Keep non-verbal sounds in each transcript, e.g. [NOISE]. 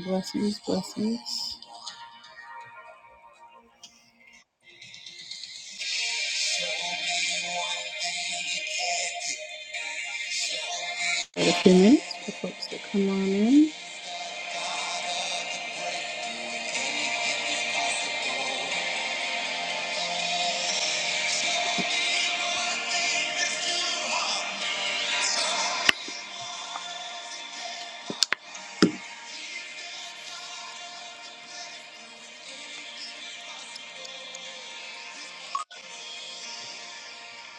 Blessings, blessings. Got a few minutes for folks to come on in.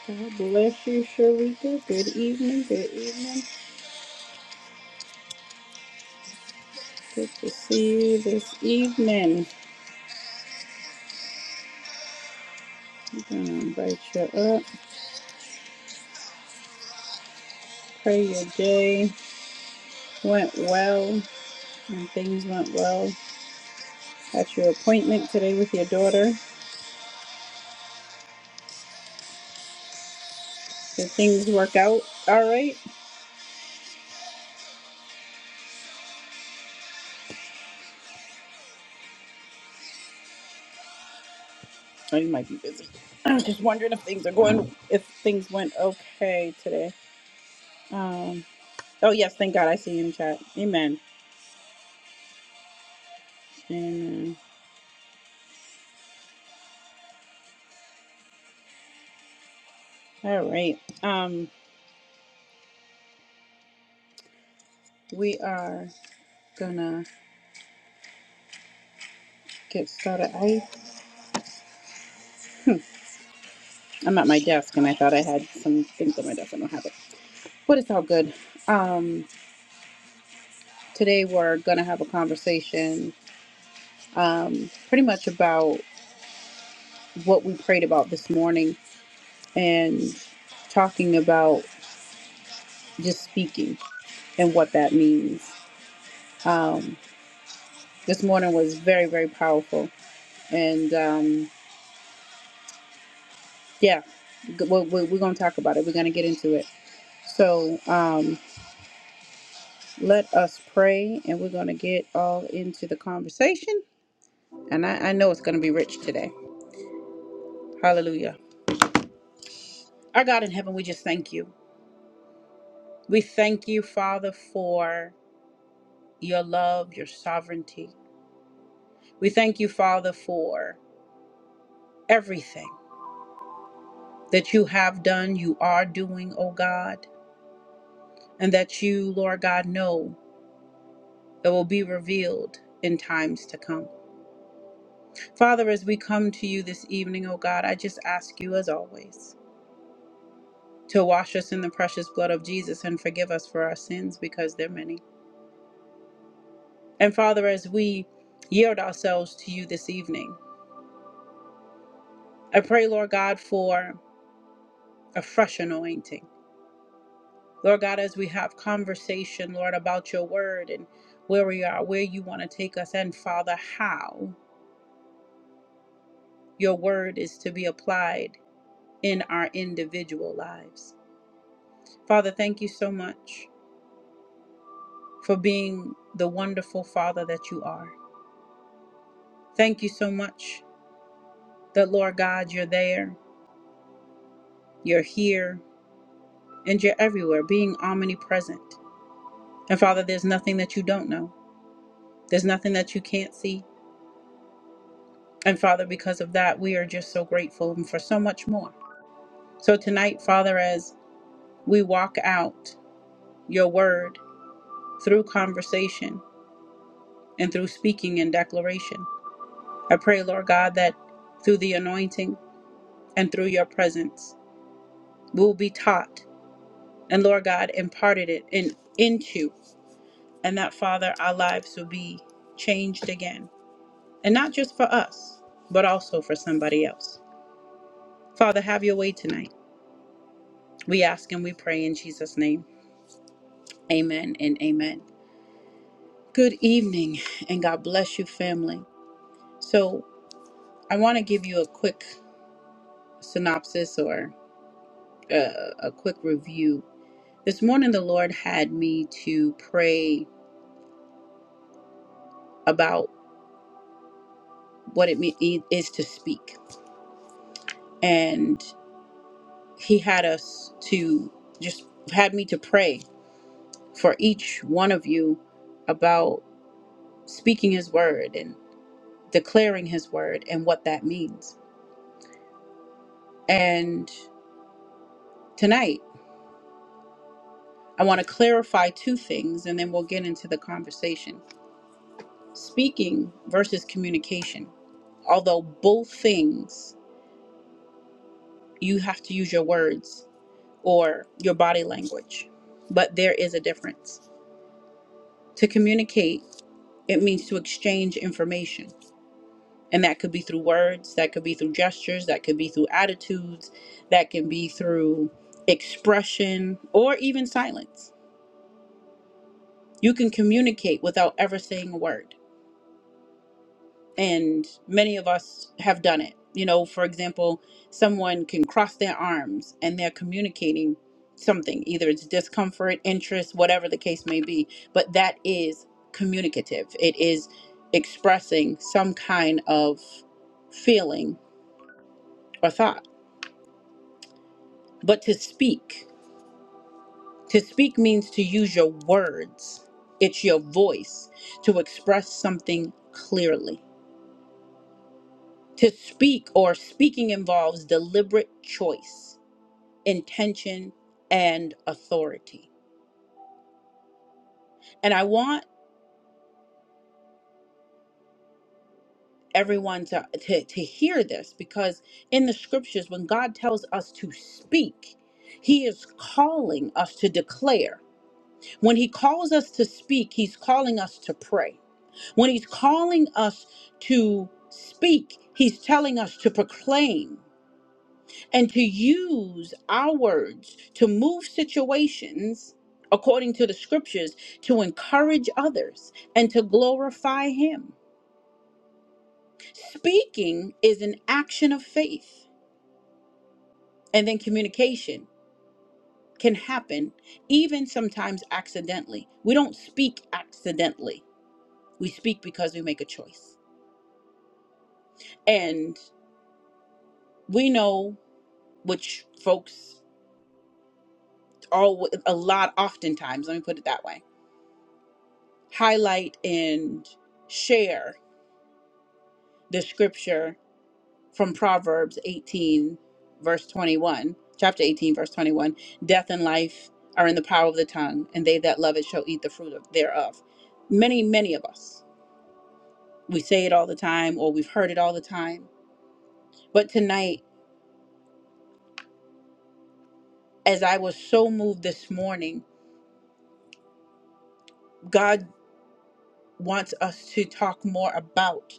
God bless you, Sharika. Good evening, good evening. Good to see you this evening. I'm going to invite you up. Pray your day went well and things went well at your appointment today with your daughter. Did things work out all right? Oh, you might be busy. I'm just wondering if things are going, if things went okay today. Um, oh, yes, thank God I see you in chat. Amen. Amen. All right. Um, we are gonna get started. I I'm at my desk and I thought I had some things on my desk. I don't have it, but it's all good. Um, today we're gonna have a conversation, um, pretty much about what we prayed about this morning and talking about just speaking and what that means. Um, this morning was very very powerful, and um, yeah, we're, we're gonna talk about it. We're gonna get into it. So um, let us pray, and we're going to get all into the conversation. And I, I know it's going to be rich today. Hallelujah. Our God in heaven, we just thank you. We thank you, Father, for your love, your sovereignty. We thank you, Father, for everything that you have done, you are doing, O God, and that you, Lord God, know that will be revealed in times to come. Father, as we come to you this evening, O God, I just ask you as always. to wash us in the precious blood of Jesus and forgive us for our sins because they're many. And Father, as we yield ourselves to you this evening, I pray, Lord God, for a fresh anointing. Lord God, as we have conversation, Lord, about your word and where we are, where you want to take us, and Father, how your word is to be applied in our individual lives. Father, thank you so much for being the wonderful Father that you are. Thank you so much that Lord God, you're there, you're here, and you're everywhere, being omnipresent. And Father, there's nothing that you don't know, there's nothing that you can't see. And Father, because of that, we are just so grateful and for so much more. So tonight, Father, as we walk out your word through conversation and through speaking and declaration, I pray, Lord God, that through the anointing and through your presence, we will be taught and Lord God imparted it in, into. and that, Father, our lives will be changed again. And not just for us, but also for somebody else. Father, have your way tonight. We ask and we pray in Jesus' name. Amen and amen. Good evening, and God bless you, family. So, I want to give you a quick synopsis or uh, a quick review. This morning, the Lord had me to pray about what it me- is to speak. and. he had us to just had me to pray for each one of you about speaking his word and declaring his word and what that means. And tonight, I want to clarify two things and then we'll get into the conversation. Speaking versus communication. Although both things you have to use your words or your body language, but there is a difference. To communicate, it means to exchange information And that could be through words, that could be through gestures, that could be through attitudes, that can be through expression or even silence. You can communicate without ever saying a word. And many of us have done it. You know, for example, someone can cross their arms and they're communicating something, either it's discomfort, interest, whatever the case may be. But that is communicative, it is expressing some kind of feeling or thought But to speak, to speak means to use your words, it's your voice to express something clearly. To speak or speaking involves deliberate choice, intention, and authority. And I want everyone to, to, to hear this because in the scriptures, when God tells us to speak, he is calling us to declare. When he calls us to speak, he's calling us to pray. When he's calling us to speak, he's telling us to proclaim and to use our words to move situations according to the scriptures to encourage others and to glorify him. Speaking is an action of faith, and then communication can happen even sometimes accidentally. We don't speak accidentally, we speak because we make a choice. And we know which folks all a lot oftentimes let me put it that way highlight and share the scripture from proverbs 18 verse 21 chapter 18 verse 21 death and life are in the power of the tongue and they that love it shall eat the fruit of, thereof many many of us we say it all the time or we've heard it all the time but tonight as i was so moved this morning god wants us to talk more about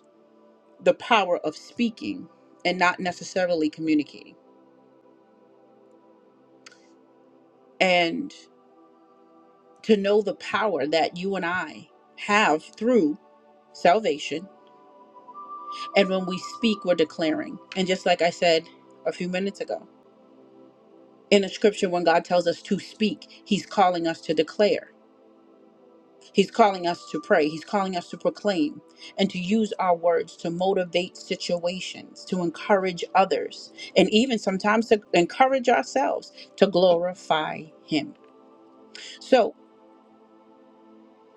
the power of speaking and not necessarily communicating. And to know the power that you and I have through salvation. And when we speak, we're declaring. And just like I said a few minutes ago, in the scripture, when God tells us to speak, He's calling us to declare. He's calling us to pray. He's calling us to proclaim and to use our words to motivate situations, to encourage others, and even sometimes to encourage ourselves to glorify Him. So,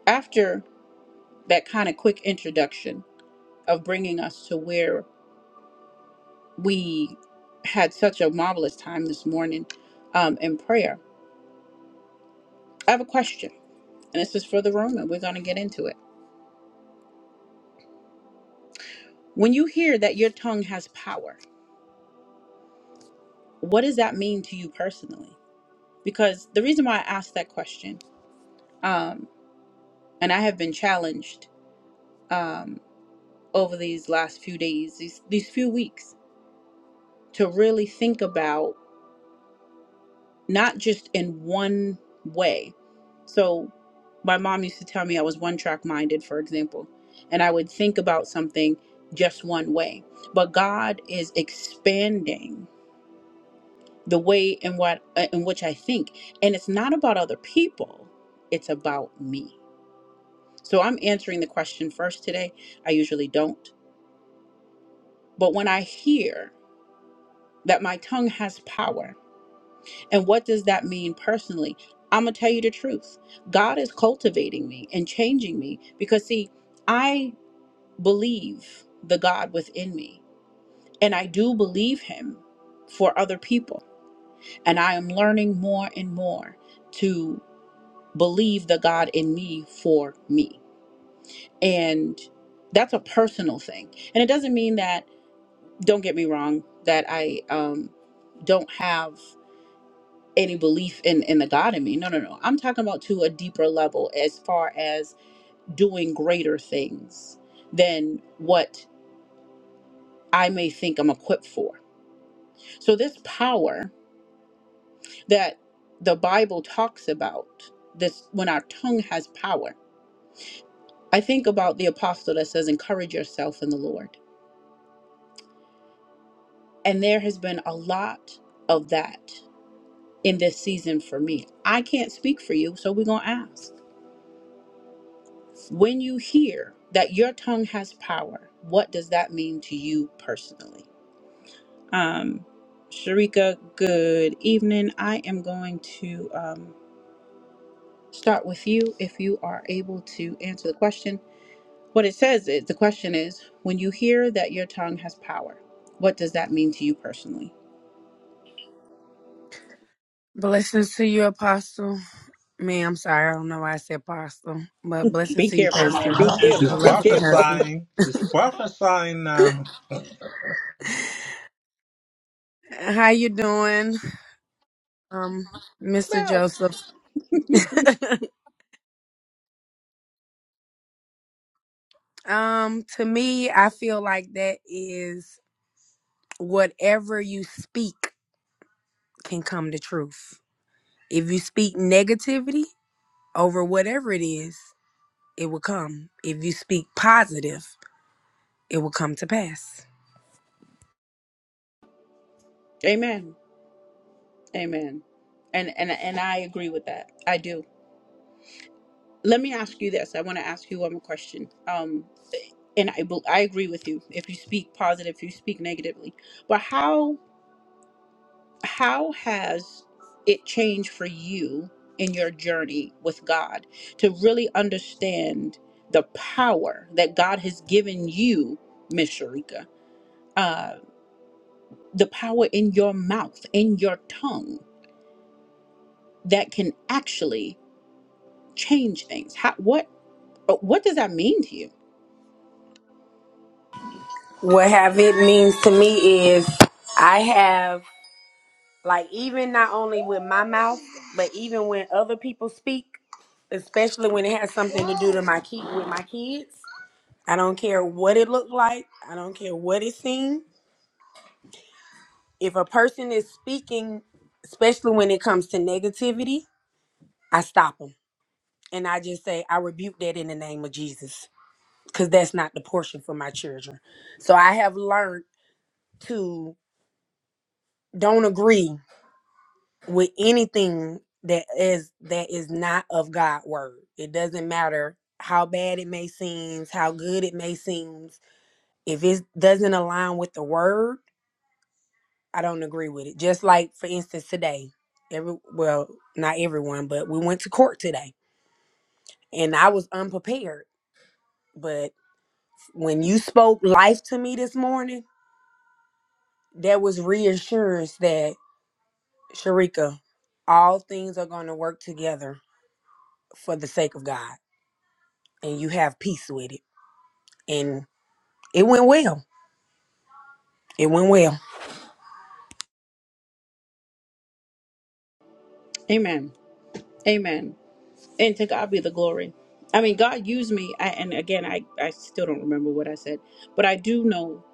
after that kind of quick introduction of bringing us to where we had such a marvelous time this morning um, in prayer, I have a question. And this is for the room, and we're going to get into it. When you hear that your tongue has power, what does that mean to you personally? Because the reason why I asked that question, um, and I have been challenged um, over these last few days, these, these few weeks, to really think about not just in one way. So my mom used to tell me I was one track minded, for example, and I would think about something just one way. But God is expanding the way in what uh, in which I think, and it's not about other people; it's about me. So I'm answering the question first today. I usually don't, but when I hear that my tongue has power, And what does that mean personally? I'm going to tell you the truth. God is cultivating me and changing me because, see, I believe the God within me and I do believe Him for other people. And I am learning more and more to believe the God in me for me. And that's a personal thing. And it doesn't mean that, don't get me wrong, that I um, don't have. any belief in in the god in me no no no i'm talking about to a deeper level as far as doing greater things than what i may think i'm equipped for so this power that the bible talks about this when our tongue has power i think about the apostle that says encourage yourself in the lord and there has been a lot of that in this season for me i can't speak for you so we're going to ask When you hear that your tongue has power, what does that mean to you personally? Um, Sharika, good evening. I am going to um, start with you if you are able to answer the question. What it says is the question is when you hear that your tongue has power, what does that mean to you personally? Blessings to you, Apostle. Me, I'm sorry. I don't know why I said Apostle, but blessings Be to you, careful, man. Pastor, Be and She's your careful. Be lovely careful. prophesying. She's husband. prophesying now. [LAUGHS] How you doing, um, [LAUGHS] Mr. no. Joseph? [LAUGHS] um, to me, I feel like that is whatever you speak can come to truth. If you speak negativity over whatever it is, it will come. If you speak positive, it will come to pass. Amen. Amen. And and and I agree with that. I do. let me ask you this. I want to ask you one more question. Um, and I bel- I agree with you. If you speak positive, if you speak negatively, but how how has it changed for you in your journey with God to really understand the power that God has given you, Miss Sharika? Uh, the power in your mouth, in your tongue, that can actually change things. How what uh, what does that mean to you? What have it means to me is I have like even not only with my mouth, but even when other people speak, especially when it has something to do to my kid with my kids. I don't care what it looked like. I don't care what it seemed. If a person is speaking, especially when it comes to negativity, I stop them and I just say I rebuke that in the name of Jesus because that's not the portion for my children. So I have learned to don't agree with anything that is that is not of God word. It doesn't matter how bad it may seem, how good it may seem. If it doesn't align with the word, I don't agree with it. Just like for instance today, every well, not everyone, but we went to court today and I was unprepared. But when you spoke life to me this morning, there was reassurance that Sharika, all things are going to work together for the sake of God and you have peace with it. And it went well. It went well. Amen. Amen. And to God be the glory. I mean, God used me. I, and again, I, I still don't remember what I said, but I do know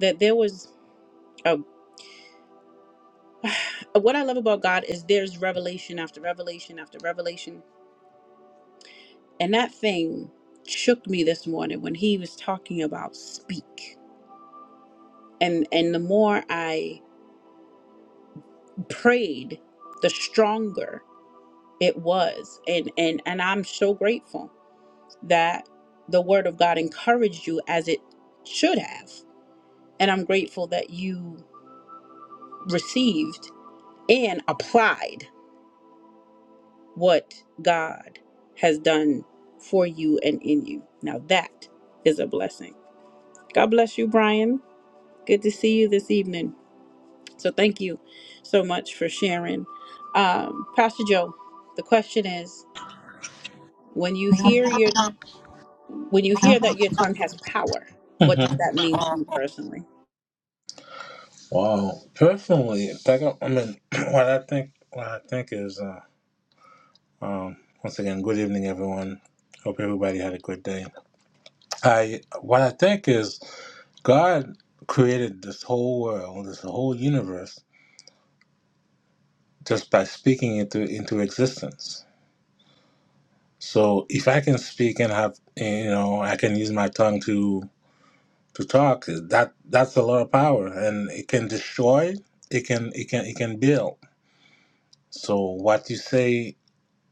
that there was a. [SIGHS] What I love about God is there's revelation after revelation after revelation. And that thing shook me this morning when he was talking about speak. And, and the more I prayed, the stronger it was and and and i'm so grateful that the word of god encouraged you as it should have and i'm grateful that you received and applied what god has done for you and in you now that is a blessing god bless you brian good to see you this evening so thank you so much for sharing um, pastor joe the question is when you hear your When you hear that your tongue has power, what does hmm that mean to you personally? Wow. Personally, like, I I mean, [CLEARS THROAT] what I think, what I think is, uh, um, once again, good evening, everyone. Hope everybody had a good day. I, what I think is, God created this whole world, this whole universe, just by speaking it to- into existence. So if I can speak and have, you know, I can use my tongue to to talk that that's a lot of power and it can destroy it can it can it can build so what you say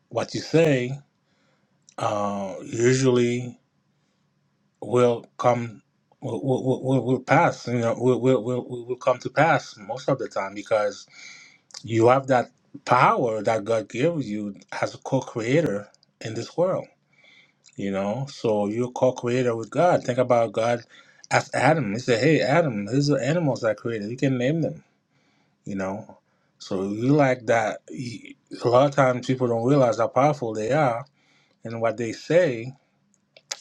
what you say uh usually will come will will, will, will pass you know will, will will will will come to pass most of the time because you have that power that god gave you as a co-creator in this world you know so you're a co-creator with god think about god as adam he said hey adam these are animals i created you can name them you know. So you like that. you- A lot of times people don't realize how powerful they are and what they say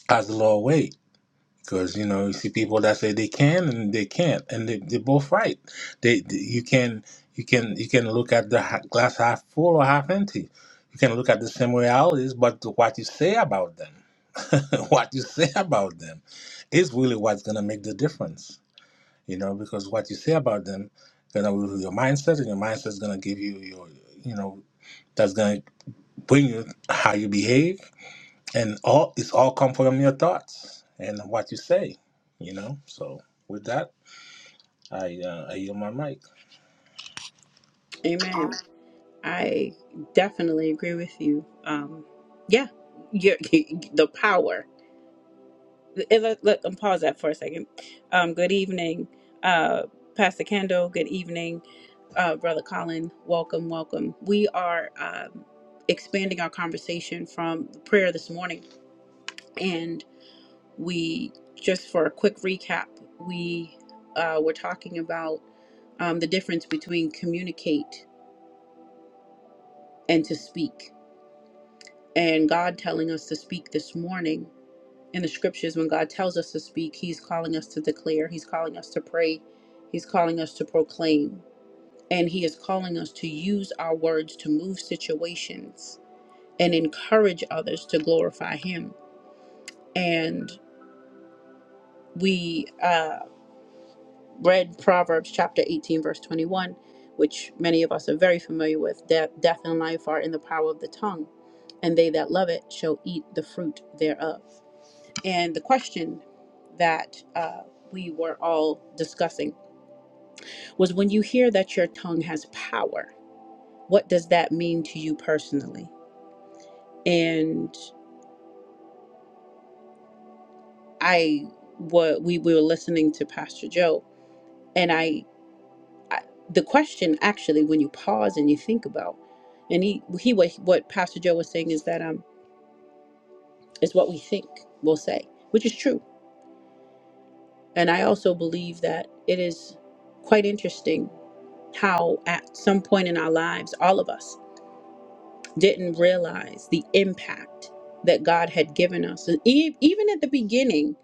has a lot of weight. Because you know you see people that say they can and they can't, and they they both right. They, they- you can you can you can look at the ha- glass half full or half empty. You can look at the similarities, but what you say about them, [LAUGHS] what you say about them, is really what's gonna make the difference you know, because what you say about them gonna rule your mindset, and your mindset's gonna give you your, you know, that's gonna bring you how you behave, and all it's all come from your thoughts and what you say, you know. So with that, I uh, I yield my mic. Amen. I definitely agree with you. Um, yeah, your, [LAUGHS] the power. Eh, Let, let them pause that for a second. Um, good evening, uh, Pastor Kendall. Good evening, uh, Brother Colin. Welcome, welcome. We are um, expanding our conversation from prayer this morning, and. we just for a quick recap we uh, were talking about um, the difference between communicate and to speak and god telling us to speak this morning in the scriptures when god tells us to speak he's calling us to declare he's calling us to pray he's calling us to proclaim and he is calling us to use our words to move situations and encourage others to glorify him and we uh, read Proverbs chapter 18, verse 21, which many of us are very familiar with. Death, death and life are in the power of the tongue, and they that love it shall eat the fruit thereof. And the question that uh, we were all discussing was when you hear that your tongue has power, what does that mean to you personally? And I, what we, we were listening to Pastor Joe, and I I, the question actually when you pause and you think about and he he what what pastor joe was saying is that um is what we think we'll say which is true and i also believe that it is quite interesting how at some point in our lives all of us didn't realize the impact that god had given us and e- even at the beginning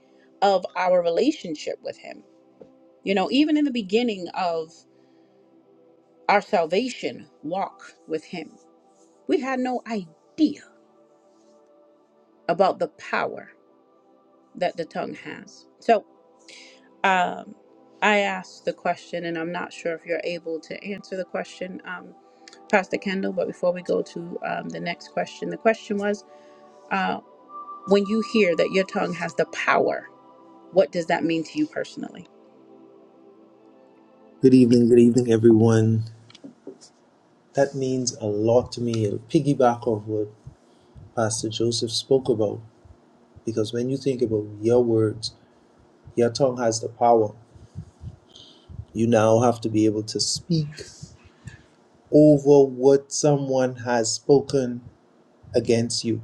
of our relationship with him you know even in the beginning of our salvation walk with him we had no idea about the power that the tongue has. So um, I asked the question, and I'm not sure if you're able to answer the question, um, Pastor Kendall. But before we go to um, the next question, the question was uh, when you hear that your tongue has the power, what does that mean to you personally? Good evening, good evening, everyone. That means a lot to me. It'll piggyback off what Pastor Joseph spoke about because when you think about your words, your tongue has the power. You now have to be able to speak over what someone has spoken against you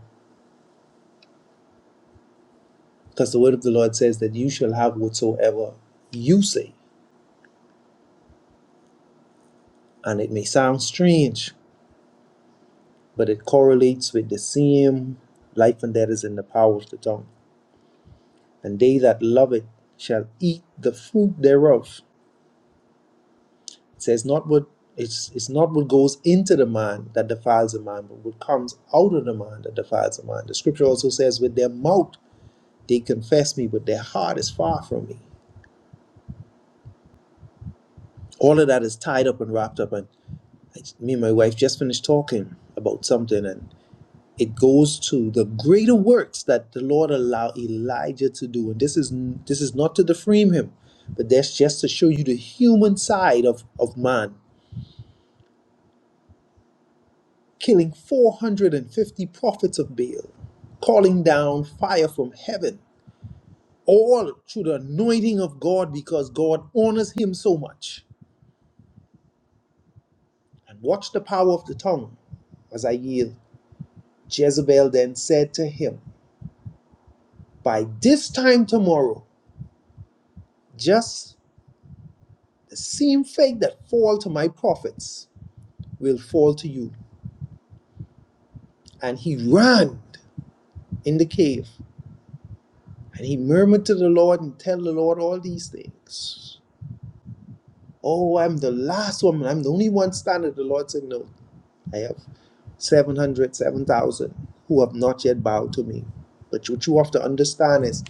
because the word of the Lord says that you shall have whatsoever you say. And it may sound strange, but it correlates with the same life and death is in the power of the tongue. and they that love it shall eat the fruit thereof. It says not what it's it's not what goes into the mind that defiles the mind, but what comes out of the mind that defiles the mind. The scripture also says, with their mouth they confess me, but their heart is far from me. All of that is tied up and wrapped up. And me and my wife just finished talking about something, and. it goes to the greater works that the Lord allowed Elijah to do. And this is this is not to defame him, but that's just to show you the human side of, of man, killing 450 prophets of Baal, calling down fire from heaven, all through the anointing of God because God honors him so much. And watch the power of the tongue as I yield. Jezebel then said to him, By this time tomorrow, just The same fig that fall to my prophets will fall to you. And he ran in the cave and he murmured to the Lord and tell the Lord all these things. Oh, I'm the last woman. I'm the only one standing. The Lord said, No, I have 700, 7,000 who have not yet bowed to me. But what you have to understand is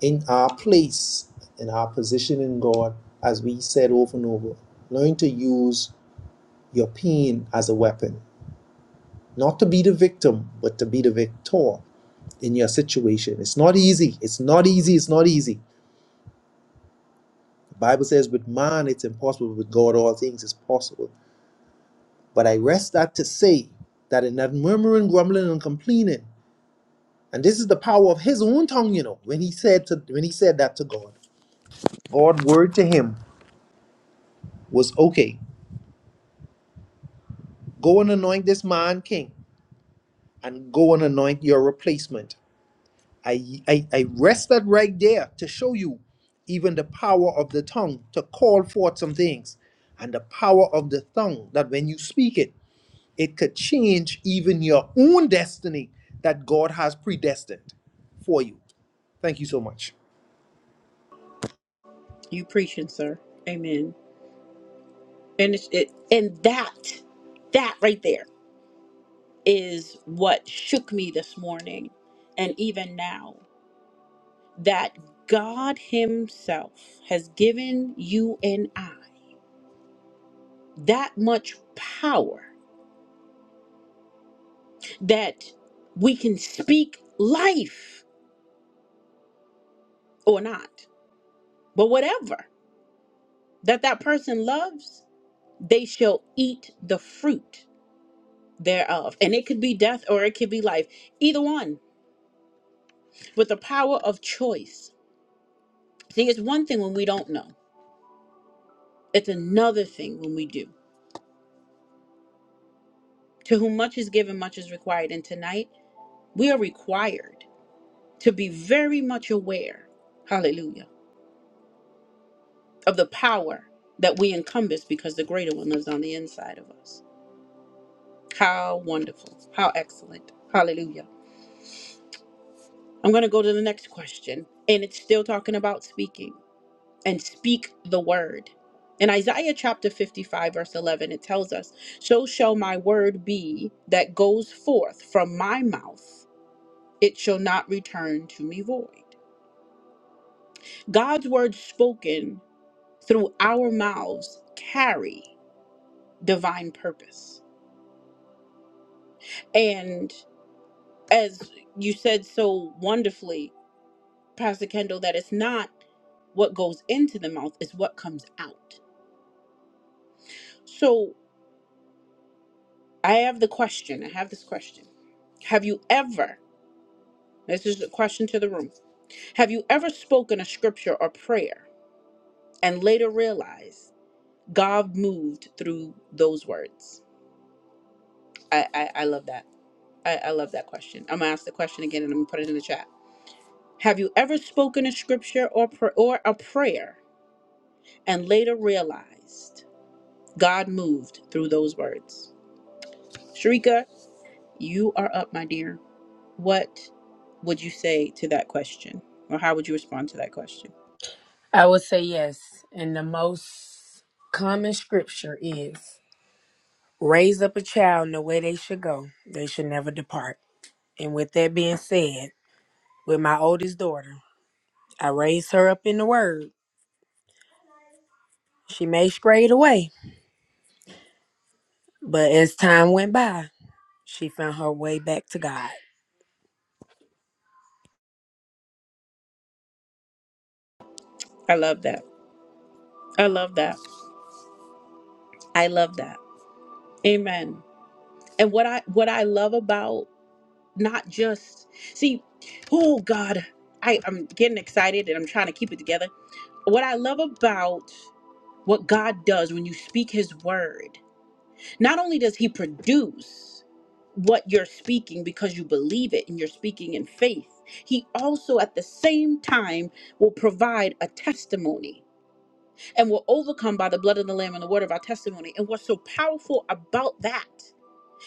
in our place, in our position in God, as we said over and over, learn to use your pain as a weapon. Not to be the victim, but to be the victor in your situation. It's not easy. It's not easy. It's not easy. The Bible says, with man it's impossible, but with God all things is possible. But I rest that to say that in that murmuring, grumbling, and complaining, and this is the power of his own tongue, you know, when he said to when he said that to God, God's word to him was okay, go and anoint this man king, and go and anoint your replacement. I, I, I rested right there to show you even the power of the tongue to call forth some things and the power of the tongue that when you speak it, it could change even your own destiny that God has predestined for you. Thank you so much. You preaching, sir. Amen. And it's, it and that that right there is what shook me this morning, and even now. that God Himself has given you and I that much power that we can speak life or not, but whatever that that person loves, they shall eat the fruit thereof. And it could be death or it could be life, either one, with the power of choice. See, it's one thing when we don't know, it's another thing when we do. To whom much is given, much is required. And tonight, we are required. to be very much aware, hallelujah, of the power that we encompass because the greater one lives on the inside of us. How wonderful. How excellent. Hallelujah. I'm going to go to the next question, and it's still talking about speaking and speak the word. In Isaiah chapter 55, verse 11, it tells us, So shall my word be that goes forth from my mouth, it shall not return to me void. God's word spoken through our mouths carry divine purpose. And as you said so wonderfully, Pastor Kendall, that it's not what goes into the mouth, it's what comes out. So I have the question, I have this question. Have you ever, this is a question to the room, have you ever spoken a scripture or prayer and later realized God moved through those words? I, I, I love that. I, I love that question. I'm gonna ask the question again and I'm gonna put it in the chat. Have you ever spoken a scripture or, pr- or a prayer and later realized God moved through those words? Sharika, you are up, my dear. What would you say to that question? Or how would you respond to that question? I would say yes. And the most common scripture is raise up a child in the way they should go, they should never depart. And with that being said, with my oldest daughter, I raised her up in the word. She may stray the way, but as time went by, she found her way back to God. I love that. I love that. I love that. Amen. And what I what I love about not just see, oh God, I, I'm getting excited and I'm trying to keep it together. What I love about What God does when you speak his word, not only does he produce what you're speaking because you believe it and you're speaking in faith, he also at the same time will provide a testimony and will overcome by the blood of the lamb and the word of our testimony. And what's so powerful about that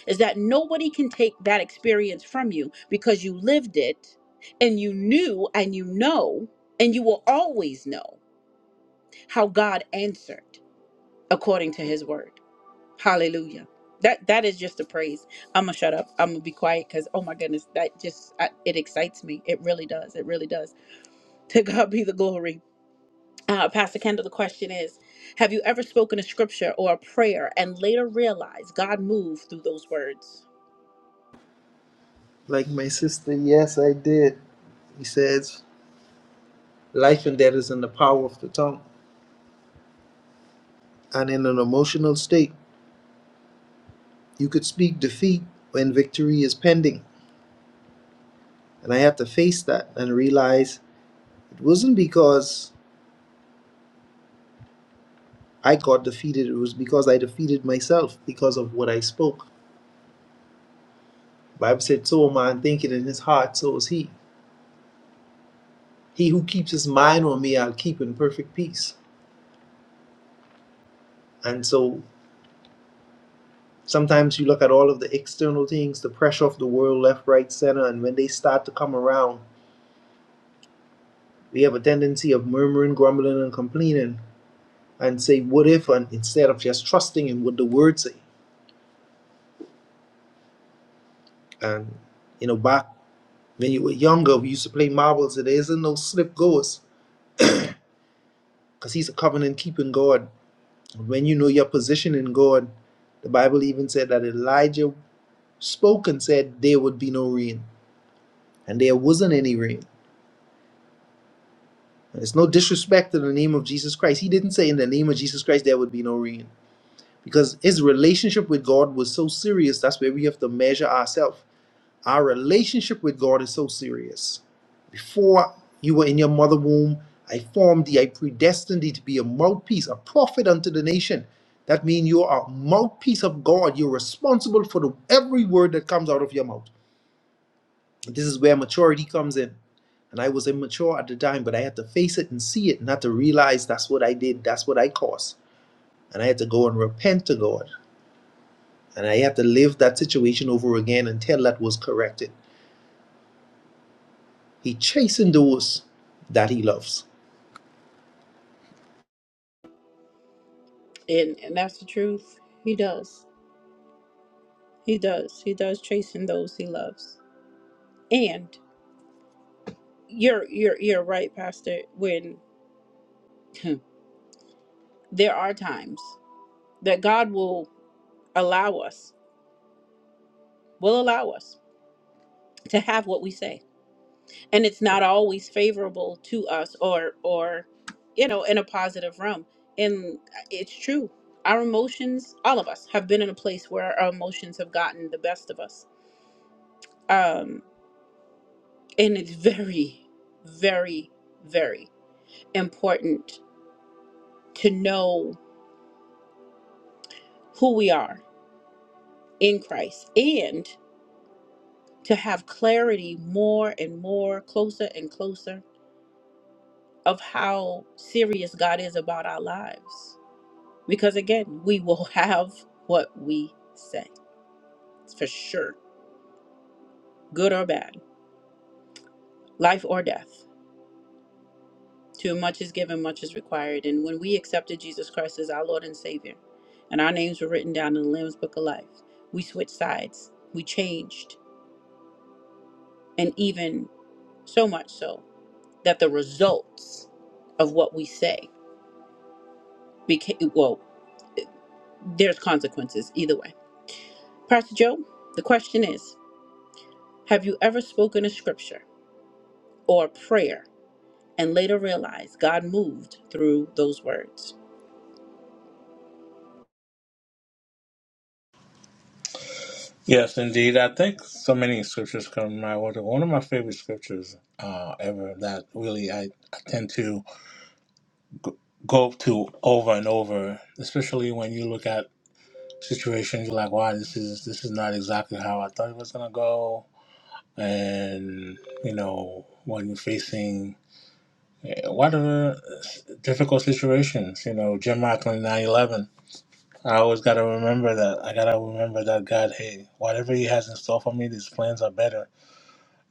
is that nobody can take that experience from you because you lived it and you knew and you know and you will always know how God answered according to his word. Hallelujah. That that is just a praise. I'm gonna shut up. I'm gonna be quiet because oh my goodness, that just I, it excites me. It really does. It really does. [LAUGHS] To God be the glory. Uh, Pastor Kendall, the question is: Have you ever spoken a scripture or a prayer and later realized God moved through those words? Like my sister, yes, I did. He says, Life and death is in the power of the tongue. And in an emotional state, you could speak defeat when victory is pending. And I had to face that and realize It wasn't because I got defeated, it was because I defeated myself because of what I spoke. The Bible said, So a man thinketh in his heart, so is he. He who keeps his mind on me, I'll keep in perfect peace. And so sometimes you look at all of the external things, the pressure of the world, left, right, center, and when they start to come around, we have a tendency of murmuring, grumbling, and complaining and say, What if? And instead of just trusting in what the words say. And you know, back when you were younger, we used to play marbles. There isn't no slip goes. because he's a covenant keeping God. When you know your position in God, the Bible even said that Elijah spoke and said there would be no rain, and there wasn't any rain. And it's no disrespect to the name of Jesus Christ. He didn't say in the name of Jesus Christ there would be no rain because his relationship with God was so serious. That's where we have to measure ourselves. Our relationship with God is so serious. Before you were in your mother womb, I formed thee, I predestined thee to be a mouthpiece, a prophet unto the nation. That means you are a mouthpiece of God. You're responsible for the, every word that comes out of your mouth. This is where maturity comes in. And I was immature at the time, but I had to face it and see it, and had to realize that's what I did, that's what I caused. And I had to go and repent to God. And I had to live that situation over again until that was corrected. He chastened those that he loves. And and that's the truth. He does. He does. He does chasing those he loves. And you're you're you're right, Pastor. When [LAUGHS] there are times that God will allow us will allow us to have what we say and it's not always favorable to us or or you know in a positive realm and it's true our emotions all of us have been in a place where our emotions have gotten the best of us um and it's very very very important to know who we are in Christ and to have clarity more and more closer and closer of how serious God is about our lives Because again, we will [LAUGHS] have what we say It's for sure, good or bad, life or death. Too much is given, much is required. And when we accepted Jesus Christ as our Lord and Savior, and our names were written down in the Lamb's Book of Life, we switched sides, we changed, and even so much so that the results of what we say became, well, there's consequences either way. Pastor Joe, the question is Have you ever spoken a scripture or a prayer? and later realized God moved through those words. Yes, indeed. I think so many scriptures come my way. One of my favorite scriptures uh, ever that really I, I tend to go to over and over, especially when you look at situations. You're like, wow, this is this is not exactly how I thought it was gonna go. And you know, when you're facing eh, whatever s- difficult situations, you know, Jim Rockland 9/11. I always gotta remember that. I gotta remember that God, hey, whatever He has in store for me, these plans are better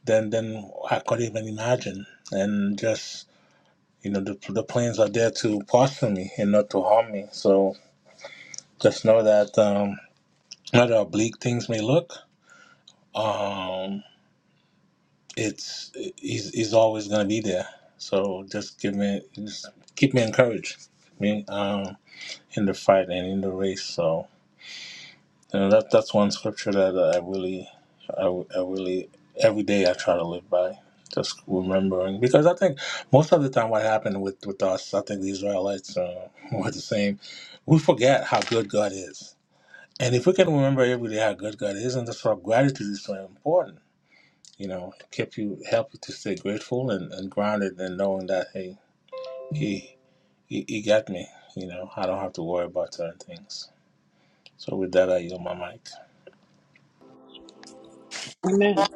than than I could even imagine. And just you know, the the plans are there to prosper me and not to harm me. So just know that um, no matter how bleak things may look. Um, it's he's he's always gonna be there. So just give me just keep me encouraged. me um, in the fight and in the race. So you know, that that's one scripture that I really, I, I really every day I try to live by. Just remembering because I think most of the time what happened with with us, I think the Israelites uh, [LAUGHS] were the same. We forget how good God is, and if we can remember every day how good God is, and that's why gratitude is so important you know, kept you help you to stay grateful and, and grounded and knowing that hey, he, he he got me. You know, I don't have to worry about certain things. So with that, I yield my mic. Amen.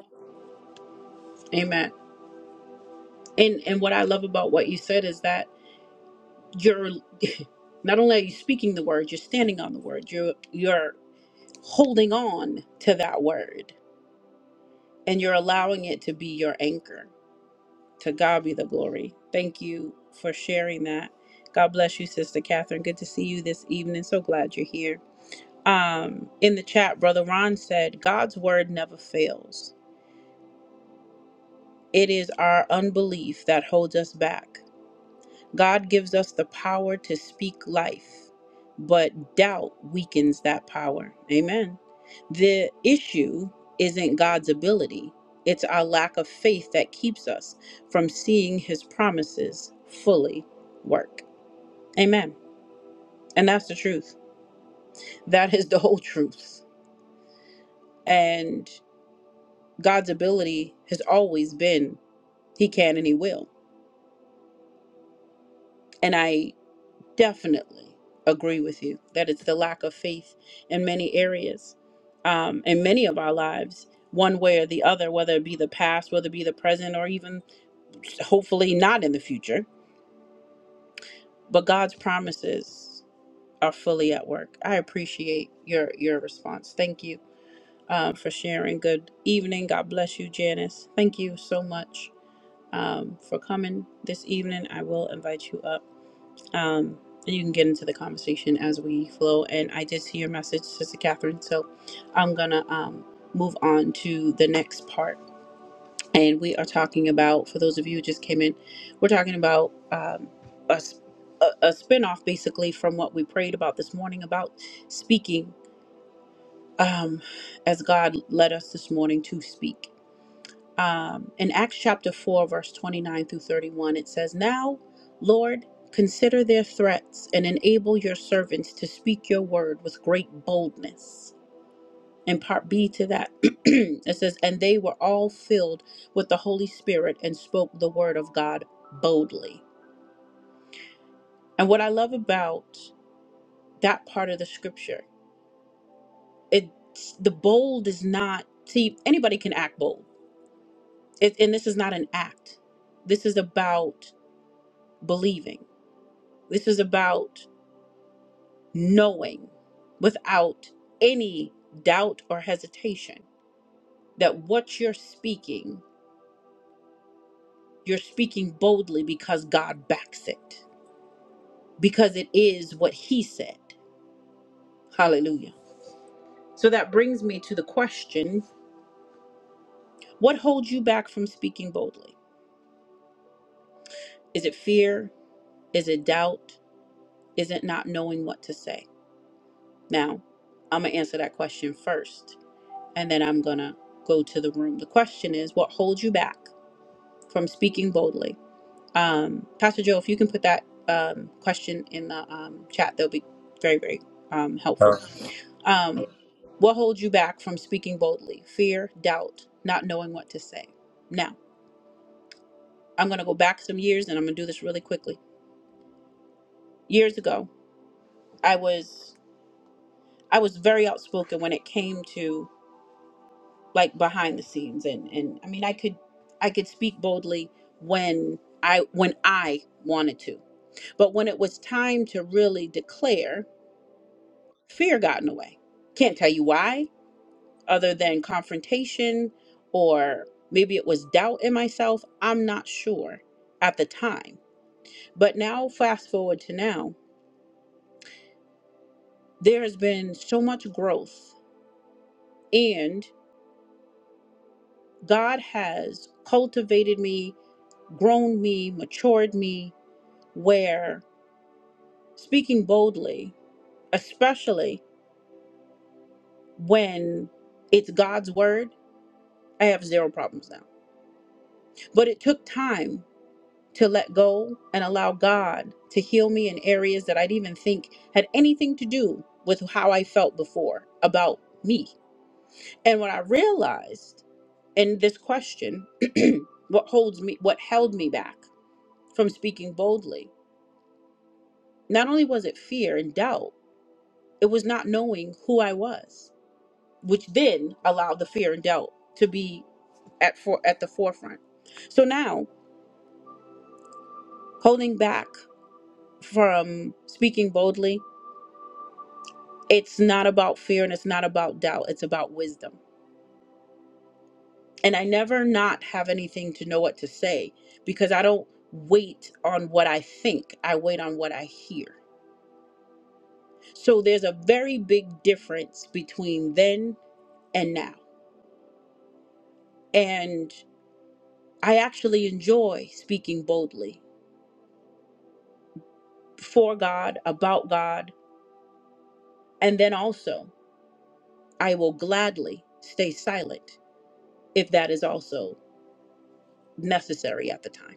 Amen. And and what I love about what you said is that you're [LAUGHS] not only are you speaking the word, you're standing on the word. You're you're holding on to that word and you're allowing it to be your anchor. To God be the glory. Thank you for sharing that. God bless you, Sister Catherine. Good to see you this evening. So glad you're here. Um, in the chat, Brother Ron said, God's word never fails. It is our unbelief that holds us back. God gives us the power to speak life, but doubt weakens that power. Amen. The issue isn't God's ability, it's our lack of faith that keeps us from seeing his promises fully work. Amen. And that's the truth. That is the [LAUGHS] whole truth. And God's ability has always been He can and He will. And I. definitely agree with you that it's the lack of faith in many areas um, in many of our lives one way or the other whether it be the past whether it be the present or even hopefully not in the future but god's promises are fully at work i appreciate your your response thank you um, for sharing good evening god bless you janice thank you so much um, for coming this evening i will invite you up um, and you can get into the conversation as we flow. And I did see your message, Sister Catherine, so I'm gonna um, move on to the next part. And we are talking about, for those of you who just came in, we're talking about um, a, s- a, a spinoff basically from what we prayed about this morning about speaking um, as God led us this morning to speak um, in Acts chapter 4, verse 29 through 31, it says, Now, Lord, consider their threats and enable your servants to speak your word with great boldness. And part B to that, [CLEARS THROAT] it says, And they were all filled with the Holy Spirit and spoke the word of God boldly. And what I love about that part of the scripture, it the bold is not, see, anybody can act bold. It, and this is not an act. This is about believing This is about knowing without any doubt or hesitation that what you're speaking, you're speaking boldly because God backs it, because it is what He said. Hallelujah. So that brings me to the question what holds you back from speaking boldly? Is it fear? Is it doubt? Is it not knowing what to say? Now, I'm going to answer that question first, and then I'm going to go to the room. The question is what holds you back? from speaking boldly. Um, Pastor Joe, if you can put that um, question in the um, chat, that'll be very, very um, Uh, helpful. Um, what holds you back from speaking boldly? Fear, doubt, not knowing what to say. Now, I'm going to go back some years, and I'm going to do this really quickly. Years ago, I was I was very outspoken when it came to like behind the scenes, and and I mean, I could I could speak boldly when I when I wanted to. But when it was time to really declare, fear got in the way. Can't tell you why, other than confrontation or maybe it was doubt in myself. I'm not sure at the time. But now, fast forward to now, there has been so much growth, and God has cultivated me, grown me, matured me, where speaking boldly, especially when it's God's word, I have zero problems now But it took time to let go and allow God to heal me in areas that I'd even think had anything to do with how I felt before about me. And when I realized in this question, [CLEARS THROAT] what holds me, what held me back from speaking boldly, not only was it fear and doubt, it was not knowing who I was, which then allowed the fear and doubt to be at for at the forefront. So now holding back from speaking boldly it's not about fear and it's not about doubt it's about wisdom and i never not have anything to know what to say because i don't wait on what i think i wait on what i hear so there's a very big difference between then and now and i actually enjoy speaking boldly for god about god and then also i will gladly stay silent if that is also necessary at the time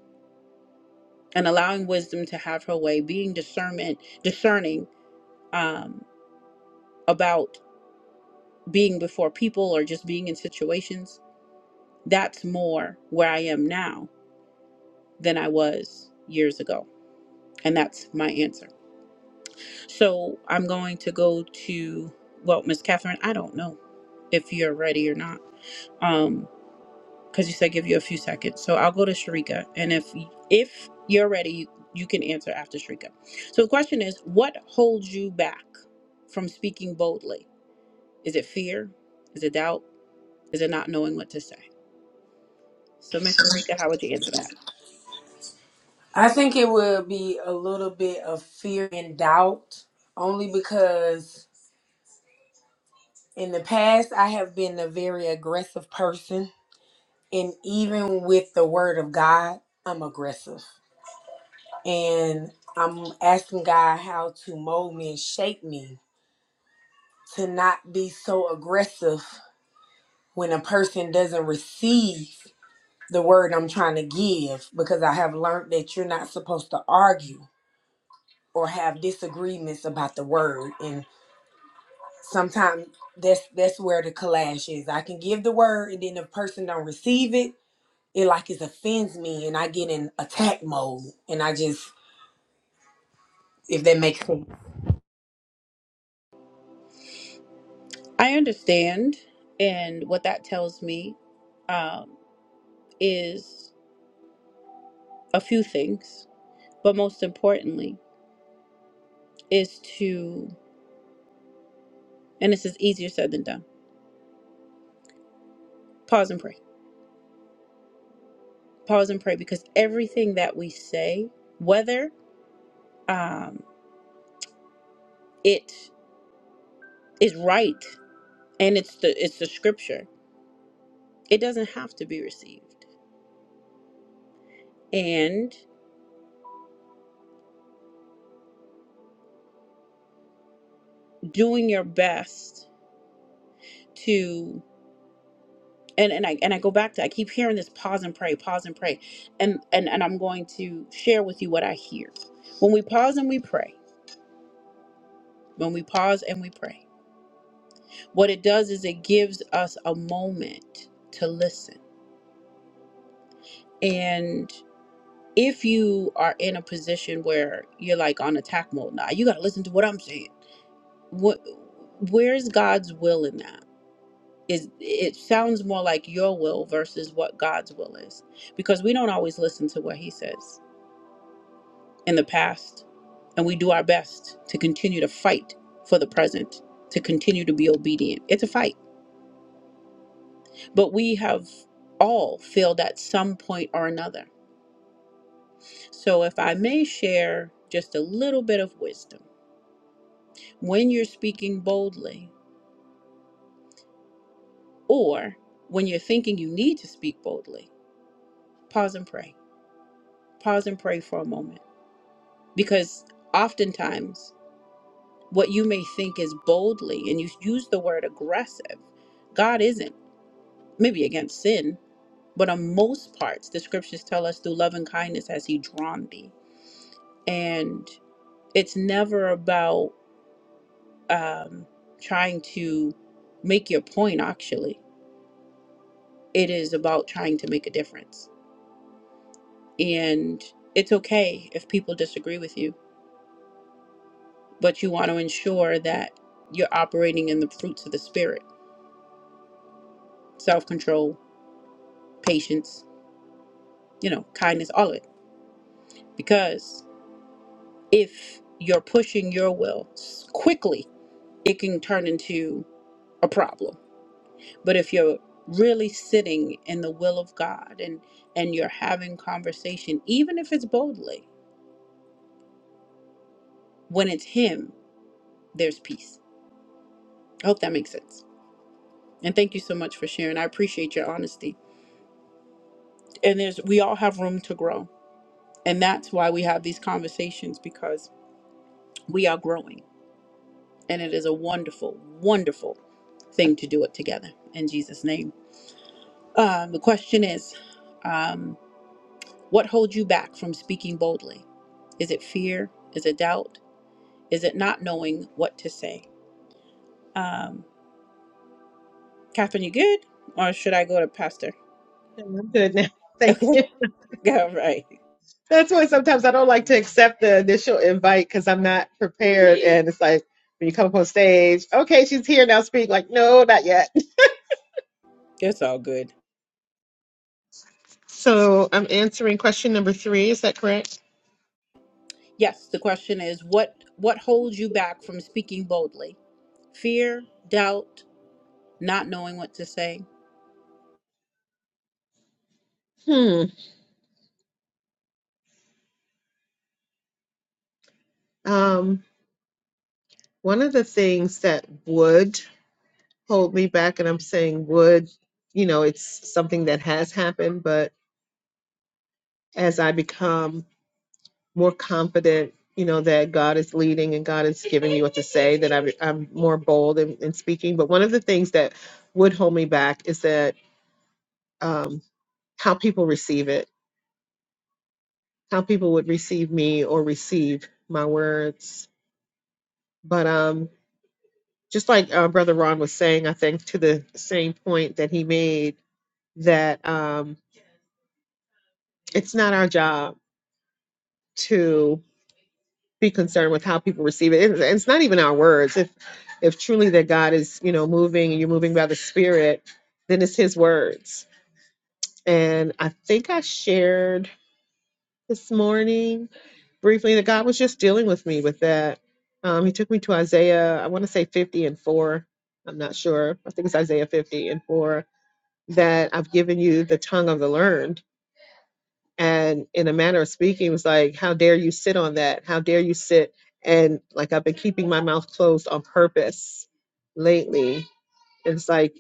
and allowing wisdom to have her way, being discernment, discerning um, about being before people or just being in situations. That's more where I am now than I was years ago, and that's my answer. So I'm going to go to well, Miss Catherine. I don't know if you're ready or not. Um, because you said give you a few seconds. So I'll go to Sharika, and if if you're ready, you, you can answer after Sharika. So the question is, what holds you back from speaking boldly? Is it fear? Is it doubt? Is it not knowing what to say? So Miss Sharika, how would you answer that? I think it will be a little bit of fear and doubt only because In the past, I have been a very aggressive person. And even with the word of God, I'm aggressive. And I'm asking God how to mold me and shape me to not be so aggressive when a person doesn't receive the word I'm trying to give, because I have learned that you're not supposed to argue or have disagreements about the word. And sometimes that's that's where the clash is. I can give the word and then the person don't receive it it like it offends me and I get in attack mode and I just if that makes sense. I understand, and what that tells me um, is a few things, but most importantly is to, and this is easier said than done. Pause and pray. Pause and pray because everything that we say, whether um, it is right and it's the it's the scripture, it doesn't have to be received. And doing your best to. and and I and I go back to I keep hearing this pause and pray, pause and pray, and and and I'm going to share with you what I hear. When we pause and we pray, when we pause and we pray, what it does is it gives us a moment to listen. And if you are in a position where you're like on attack mode now, you got to listen to what I'm saying. What where's God's will in that? Is it sounds more like your will versus what God's will is because we don't always listen to what he says in the past, and we do our best to continue to fight for the present, to continue to be obedient. It's a fight, but we have all failed at some point or another. So, if I may share just a little bit of wisdom when you're speaking boldly, or when you're thinking you need to speak boldly, pause and pray. Pause and pray for a moment because oftentimes what you may think is boldly, and you use the word aggressive, God isn't. maybe against sin, but on most parts, the scriptures tell us through love and kindness has He drawn thee. And it's never about um, trying to make your point, actually. It is about trying to make a difference. And it's okay if people disagree with you, but you want to ensure that you're operating in the fruits of the Spirit self control, patience, you know, kindness, all of it. Because if you're pushing your will s- quickly it can turn into a problem. But if you're really sitting in the will of God and and you're having conversation, even if it's boldly, when it's Him, there's peace. I hope that makes sense. And thank you so much for sharing. I appreciate your honesty. And there's we all have room to grow, and that's why we have these conversations because we are growing, and it is a wonderful, wonderful thing to do it together. In Jesus' name. Um, the question is. um, What holds you back from speaking boldly? Is it fear? Is it doubt? Is it not knowing what to say? Um, Catherine, you good? Or should I go to Pastor? I'm good now. [LAUGHS] Thank Okay. [LAUGHS] you. All right. That's why sometimes I don't like to accept the initial invite because I'm not prepared. And it's like when you come up on stage, okay, she's here now, speak. Like, no, not yet. [LAUGHS] It's all good. So I'm answering question number three. Is that correct? Yes, the question is what what holds you back from speaking boldly? Fear, doubt, not knowing what to say. Hmm. Um, one of the things that would hold me back, and I'm saying would, you know, it's something that has happened, but as I become more confident, you know, that God is leading and God is giving me what to say, that I'm, I'm more bold in, in speaking. But one of the things that would hold me back is that um, how people receive it, how people would receive me or receive my words. But um, just like uh, Brother Ron was saying, I think to the same point that he made, that um, it's not our job be concerned with how people receive it. It's, it's not even our words. If if truly that God is, you know, moving and you're moving by the Spirit, then it's His words. And I think I shared this morning briefly that God was just dealing with me with that. Um, he took me to Isaiah, I want to say 50 and 4. I'm not sure. I think it's Isaiah 50 and 4 that I've given you the tongue of the learned and in a manner of speaking it was like how dare you sit on that how dare you sit and like i've been keeping my mouth closed on purpose lately it's like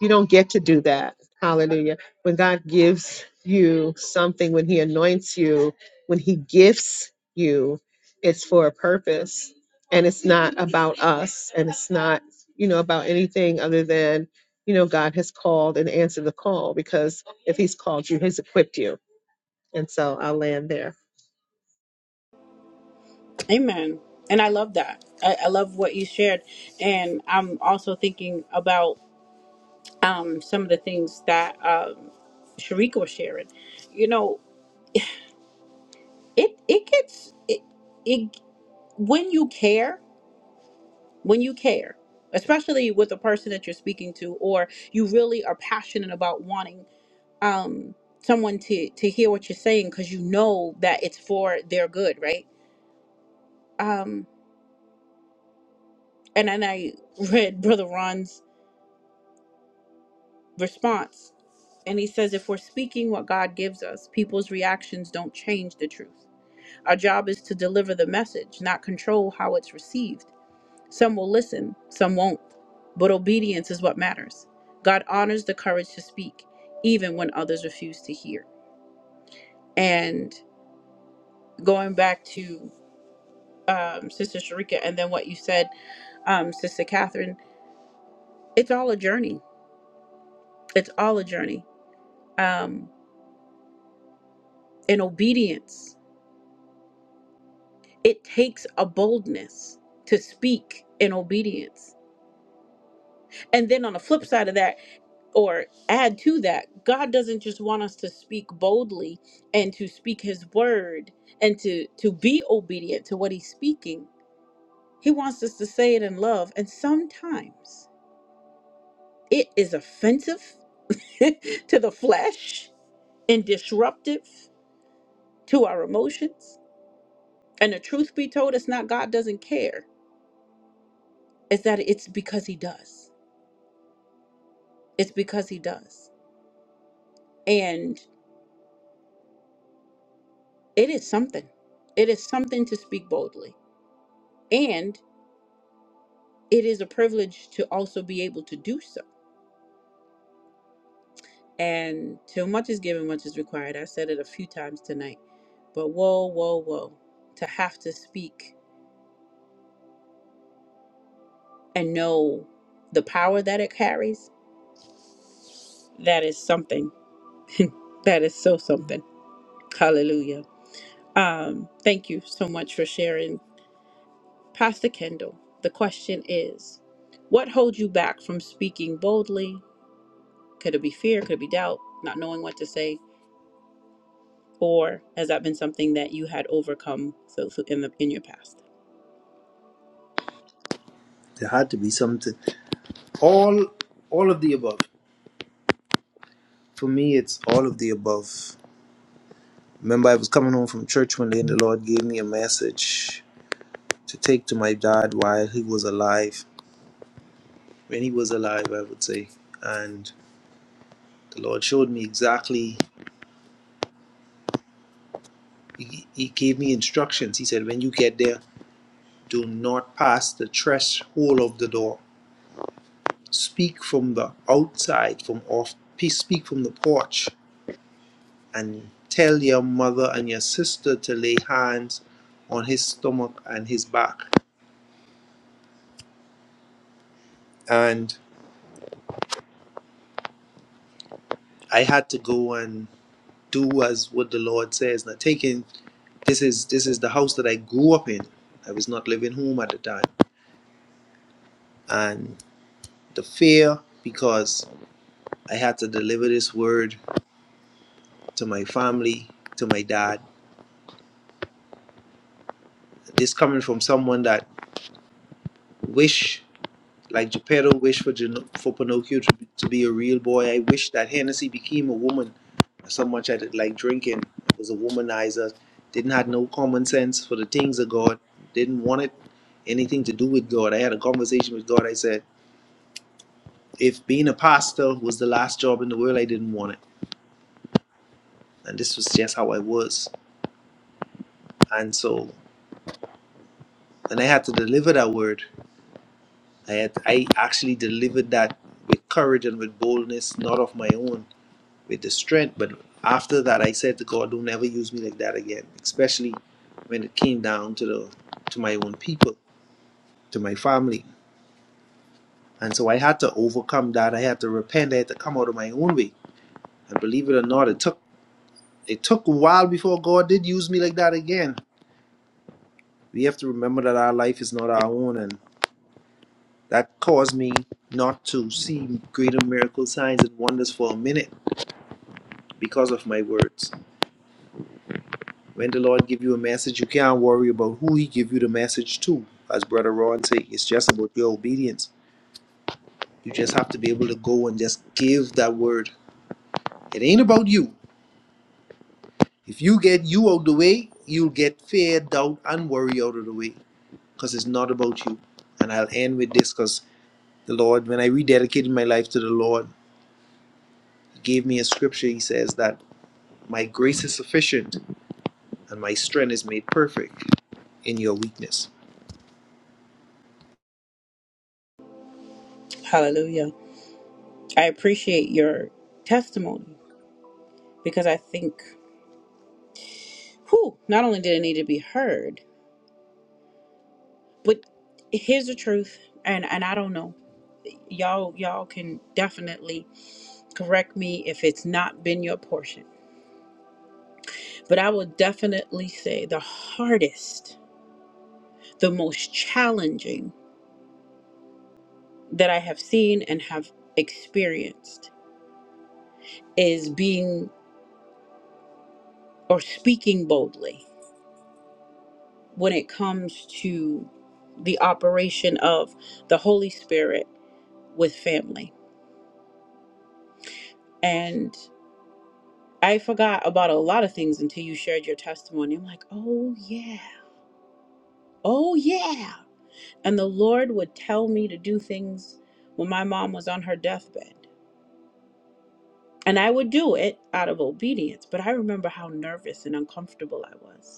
you don't get to do that hallelujah when god gives you something when he anoints you when he gifts you it's for a purpose and it's not about us and it's not you know about anything other than you know god has called and answered the call because if he's called you he's equipped you and so I'll land there. Amen. And I love that. I, I love what you shared. And I'm also thinking about um, some of the things that um, Sharika was sharing. You know, it it gets it, it when you care, when you care, especially with the person that you're speaking to, or you really are passionate about wanting um, someone to to hear what you're saying because you know that it's for their good, right? Um, and then I [LAUGHS] read Brother Ron's response, and he says, "If we're speaking what God gives us, people's reactions don't change the truth." Our job is to deliver the message, not control how it's received. Some will listen, some won't. But obedience is what matters. God honors the courage to speak, even when others refuse to hear. And going back to um, Sister Sharika and then what you said, um, Sister Catherine, it's all a journey. It's all a journey. Um, in obedience, it takes a boldness to speak in obedience. And then on the flip side of that, or add to that, God doesn't just want us to speak boldly and to speak his word and to to be obedient to what he's speaking. He wants us to say it in love, and sometimes it is offensive [LAUGHS] to the flesh and disruptive to our emotions. And the truth be told, it's not God doesn't care. It's that it's because he does. It's because he does. And it is something. It is something to speak boldly. and. it is a privilege to also be able to do so. And till much is given, much is required. I said it a few times tonight, but whoa, whoa, whoa, to have to speak and know the power that it carries, that is something. That is so something. Hallelujah. Um, thank you so much for sharing. Pastor Kendall, the question is what holds you back from speaking boldly? Could it be fear? Could it be doubt? Not knowing what to say? or has that been something that you had overcome so, so in the in your past There had to be something. All all of the above. For me it's all of the above. Remember I was coming home from church one day and the Lord gave me a message to take to my dad while he was alive. When he was alive, I would say. And the Lord showed me exactly he, he gave me instructions. He said, When you get there, do not pass the threshold of the door. Speak from the outside, from off speak from the porch and tell your mother and your sister to lay hands on his stomach and his back. And I had to go and do as what the Lord says. Now taking this is this is the house that I grew up in. I was not living home at the time. And the fear because I had to deliver this word to my family, to my dad. This coming from someone that wish Like Geppetto wished for Gin- for Pinocchio to, be, to be a real boy. I wish that Hennessy became a woman. Someone that like drinking was a womanizer, didn't have no common sense for the things of God, didn't want it anything to do with God. I had a conversation with God. I said, if being a pastor was the last job in the world, I didn't want it, and this was just how I was. And so when I had to deliver that word, I had I actually delivered that with courage and with boldness, not of my own with the strength. But after that, I said to God, "Don't ever use me like that again." Especially when it came down to the to my own people, to my family, and so I had to overcome that. I had to repent. I had to come out of my own way. And believe it or not, it took it took a while before God did use me like that again. We have to remember that our life is not our own, and that caused me not to see greater miracle signs and wonders for a minute because of my words. When the Lord give you a message, you can't worry about who He give you the message to. As Brother Ron say, it's just about your obedience. You just have to be able to go and just give that word. It ain't about you. If you get you out the way, you'll get fear, doubt, and worry out of the way, because it's not about you. And I'll end with this, because the Lord, when I rededicated my life to the Lord, He gave me a scripture. He says that my grace is sufficient, and my strength is made perfect in your weakness hallelujah i appreciate your testimony because i think who not only did it need to be heard but here's the truth and and i don't know y'all y'all can definitely correct me if it's not been your portion but i will definitely say the hardest the most challenging that i have seen and have experienced is being or speaking boldly when it comes to the operation of the Holy Spirit with family. And I forgot about a lot of things until you shared your testimony. I'm like, oh, yeah. Oh, yeah. And the Lord would tell me to do things when my mom was on her deathbed. And I would do it out of obedience. But I remember how nervous and uncomfortable I was.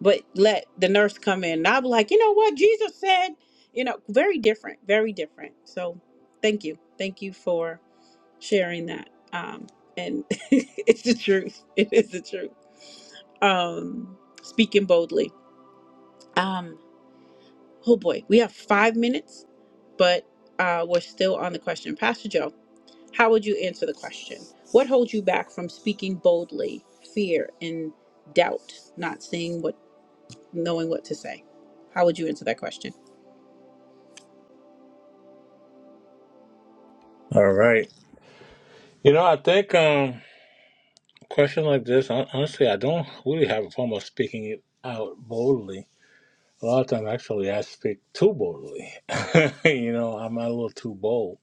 but let the nurse come in. And I'll be like, you know what? Jesus said, you know, very different, very different. So thank you. Thank you for sharing that. Um, and [LAUGHS] it's the truth. It is the truth. Um, speaking boldly. Um, oh boy, we have five minutes, but uh, we're still on the question. Pastor Joe, how would you answer the question? What holds you back from speaking boldly? Fear and doubt, not seeing what, knowing what to say. How would you answer that question? all right. You know, I think um, a question like this, hon- honestly, I don't really have a form of speaking it out boldly. A lot of times, actually, I speak too boldly. [LAUGHS] you know, I'm a little too bold.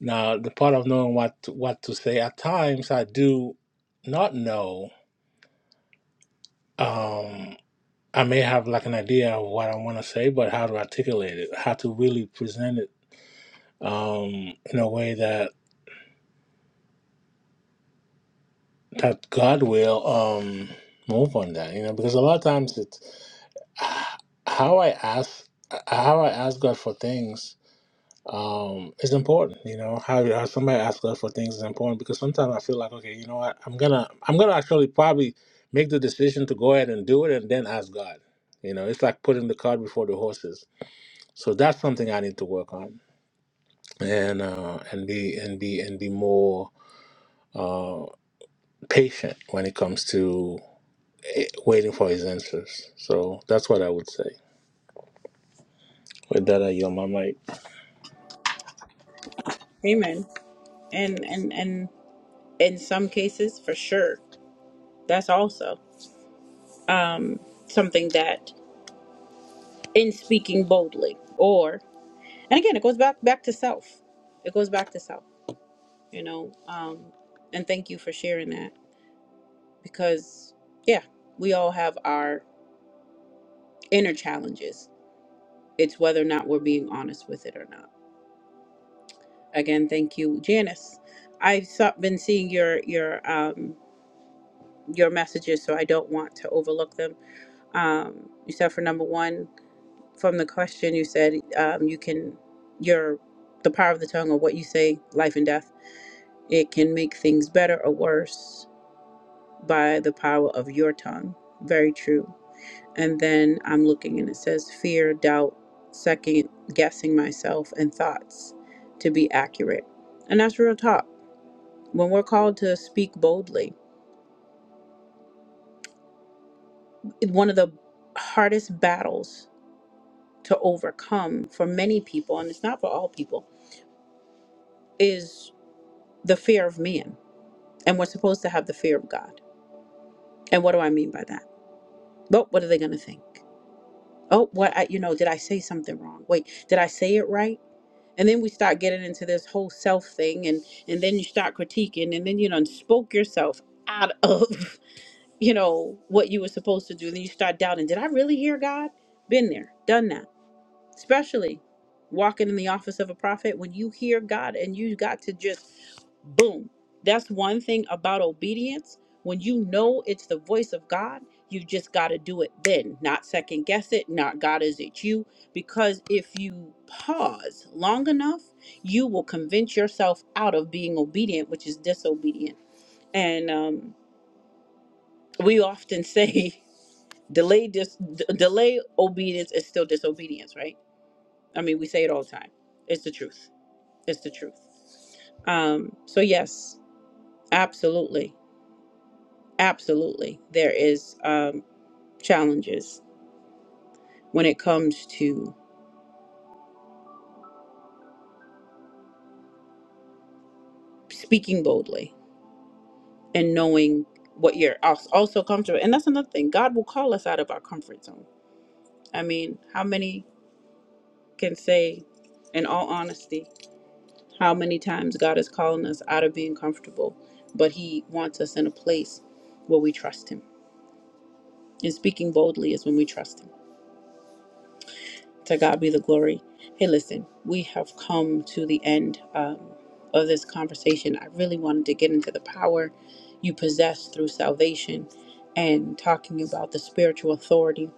Now, the part of knowing what to, what to say, at times I do not know. Um, I may have like an idea of what I want to say, but how to articulate it, how to really present it um, in a way that that God will um, move on that, you know. Because a lot of times it's how I ask, how I ask God for things um, is important, you know. How, how somebody asks God for things is important because sometimes I feel like, okay, you know what, I'm gonna, I'm gonna actually probably make the decision to go ahead and do it, and then ask God. You know, it's like putting the cart before the horses. So that's something I need to work on. and uh, and be and be and be more uh, patient when it comes to eh, waiting for his answers. So that's what I would say. With that, I yell my mic. Amen. And and and in some cases, for sure, that's also um, something that in speaking boldly, or and again, it goes back back to self. It goes back to self, you know. Um, and thank you for sharing that because yeah, we all have our inner challenges. It's whether or not we're being honest with it or not. Again, thank you, Janice. I've so- been seeing your your um, your messages, so I don't want to overlook them. Um, you said for number one, from the question, you said um, you can, your, the power of the tongue or what you say, life and death, it can make things better or worse by the power of your tongue. Very true. And then I'm looking and it says fear, doubt, second guessing myself, and thoughts to be accurate. And that's real talk. When we're called to speak boldly, one of the hardest battles to overcome for many people, and it's not for all people, is the fear of man. And we're supposed to have the fear of God. And what do I mean by that? Well, what are they going to think? Oh, what, I, you know, did I say something wrong? Wait, did I say it right? And then we start getting into this whole self thing, and, and then you start critiquing, and then you done spoke yourself out of, [LAUGHS] you know, what you were supposed to do. Then you start doubting, did I really hear God? Been there, done that especially walking in the office of a prophet when you hear God and you got to just boom. That's one thing about obedience. When you know it's the voice of God, you just got to do it then, not second guess it, not God, is it you? Because if you pause long enough, you will convince yourself out of being obedient, which is disobedient. And um, we often say, [LAUGHS] delay, dis- d- delay obedience is still disobedience, right? I mean, we say it all the time. It's the truth. It's the truth. Um, so yes, absolutely, absolutely, there is um, challenges when it comes to speaking boldly and knowing what you're als- also comfortable. And that's another thing. God will call us out of our comfort zone. I mean, how many can say, in all honesty, how many times God is calling us out of being comfortable, but He wants us in a place where we trust Him. And speaking boldly is when we trust Him To God be the glory. Hey, listen, we have come to the end um, of this conversation. I really wanted to get into the power you possess through salvation and talking about the spiritual authority.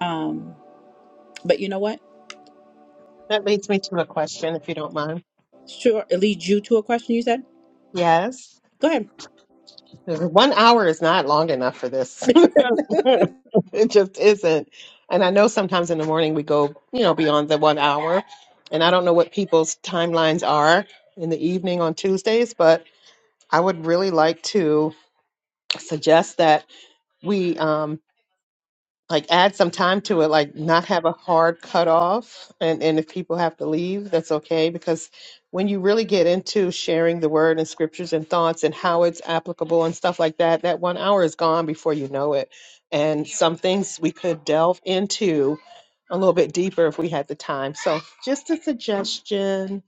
Um, but you know what? That leads me to a question, if you don't mind. Sure, it leads you to a question you said. Yes. Go ahead. One hour is not long enough for this. [LAUGHS] It just isn't. And I know sometimes in the morning we go, you know, beyond the one hour. And I don't know what people's timelines are in the evening on Tuesdays, but I would really like to suggest that we um, like add some time to it, like not have a hard cutoff. And, and if people have to leave, that's okay. Because when you really get into sharing the word and scriptures and thoughts and how it's applicable and stuff like that, that one hour is gone before you know it. And some things we could delve into a little bit deeper if we had the time. So just a suggestion.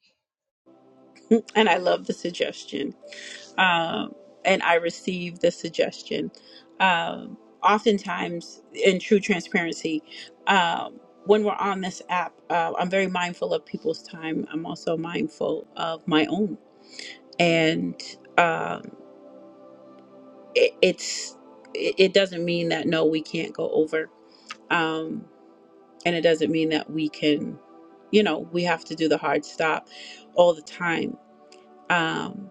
And I love the suggestion. um, and I received the suggestion. Um, oftentimes, in true transparency, um, when we're on this app, uh, I'm very mindful of people's time. I'm also mindful of my own, and um, it, it's it, it doesn't mean that no, we can't go over, um, and it doesn't mean that we can, you know, we have to do the hard stop all the time. Um,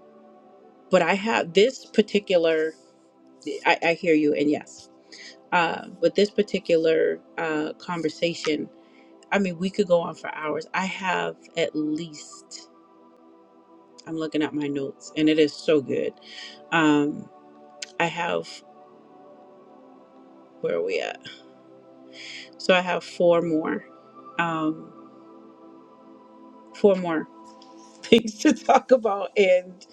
but I have this particular. I, I hear you, and yes. Uh, but this particular uh, conversation, I mean, we could go on for hours. I have at least, I'm looking at my notes and it is so good. Um, I have, where are we at? So I have four more, um, four more [LAUGHS] things to talk about, and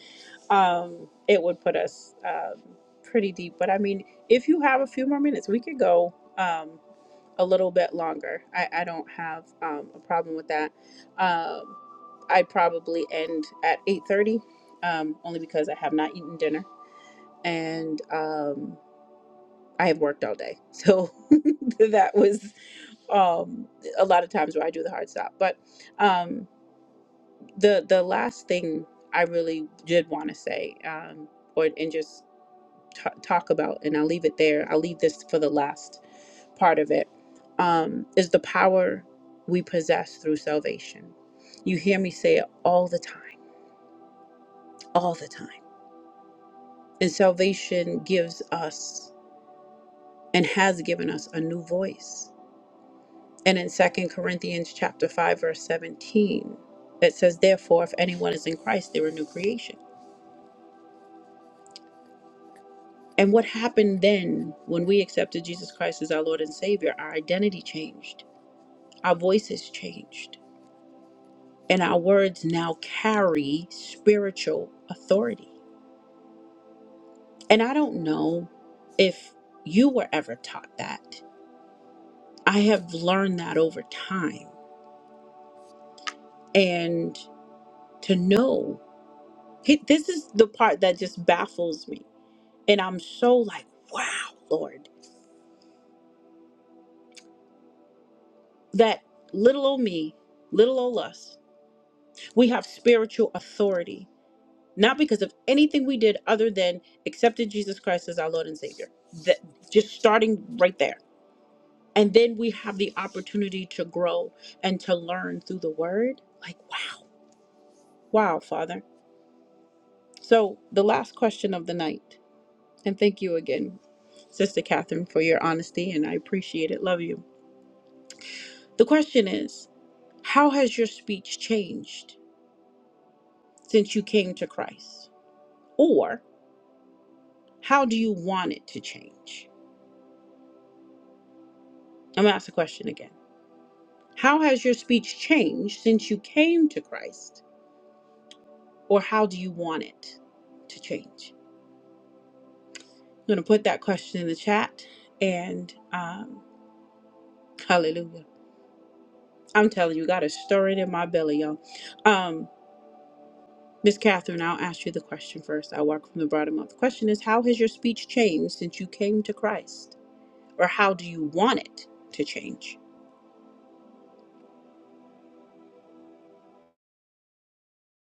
um, it would put us um, pretty deep. But I mean, if you have a few more minutes, we could go. Um, a little bit longer. I, I don't have um, a problem with that. Um, I'd probably end at 8:30, um, only because I have not eaten dinner and um, I have worked all day. So [LAUGHS] that was um, a lot of times where I do the hard stop. But um, the the last thing I really did want to say, um, or and just ta talk about, and I'll leave it there. I'll leave this for the last part of it. Um, is the power we possess through salvation. You hear me say it all the time, all the time. And salvation gives us and has given us a new voice. And in Second Corinthians chapter 5 verse 17, it says therefore if anyone is in Christ, they're a new creation. And what happened then when we accepted Jesus Christ as our Lord and Savior? Our identity changed. Our voices changed. and our words now carry spiritual authority. And I don't know if you were ever taught that. I have learned that over time. And to know, he- this is the part that just baffles me. And I'm so like, wow, Lord, that little old me, little old us, we have spiritual authority, not because of anything we did other than accepted Jesus Christ as our Lord and Savior. That just starting right there And then we have the opportunity to grow and to learn through the word. Like, wow, wow, Father. So, the last question of the night, and thank you again, Sister Catherine, for your honesty, and I appreciate it. Love you. The question is How has your speech changed since you came to Christ? Or how do you want it to change? I'm gonna ask the question again. How has your speech changed since you came to Christ? Or how do you want it to change? I'm going to put that question in the chat. And um, hallelujah. I'm telling you, got a stirring in my belly, y'all. Um, Miss Catherine, I'll ask you the question first. I work from the bottom up. The question is How has your speech changed since you came to Christ? Or how do you want it to change?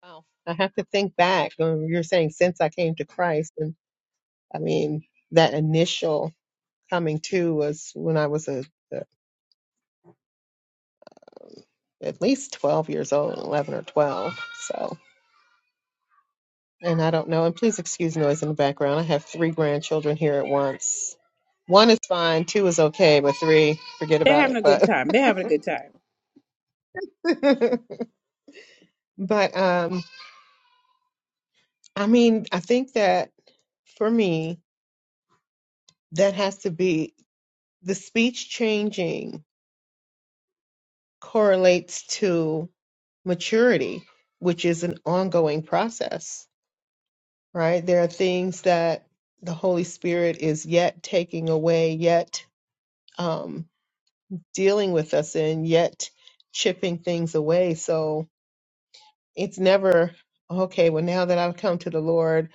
Wow. I have to think back. Um, you're saying since I came to Christ, and I mean, that initial coming to was when I was a, a, at least 12 years old, 11 or 12. So, and I don't know. And please excuse noise in the background. I have three grandchildren here at once. One is fine, two is okay, but three, forget They're about having it. a good But, time. They're having a good time. [LAUGHS] but, um, I mean, I think that for me, that has to be the speech changing correlates to maturity, which is an ongoing process right? There are things that the Holy Spirit is yet taking away, yet um, dealing with us in, yet chipping things away. So it's never, okay, well, now that I've come to the Lord,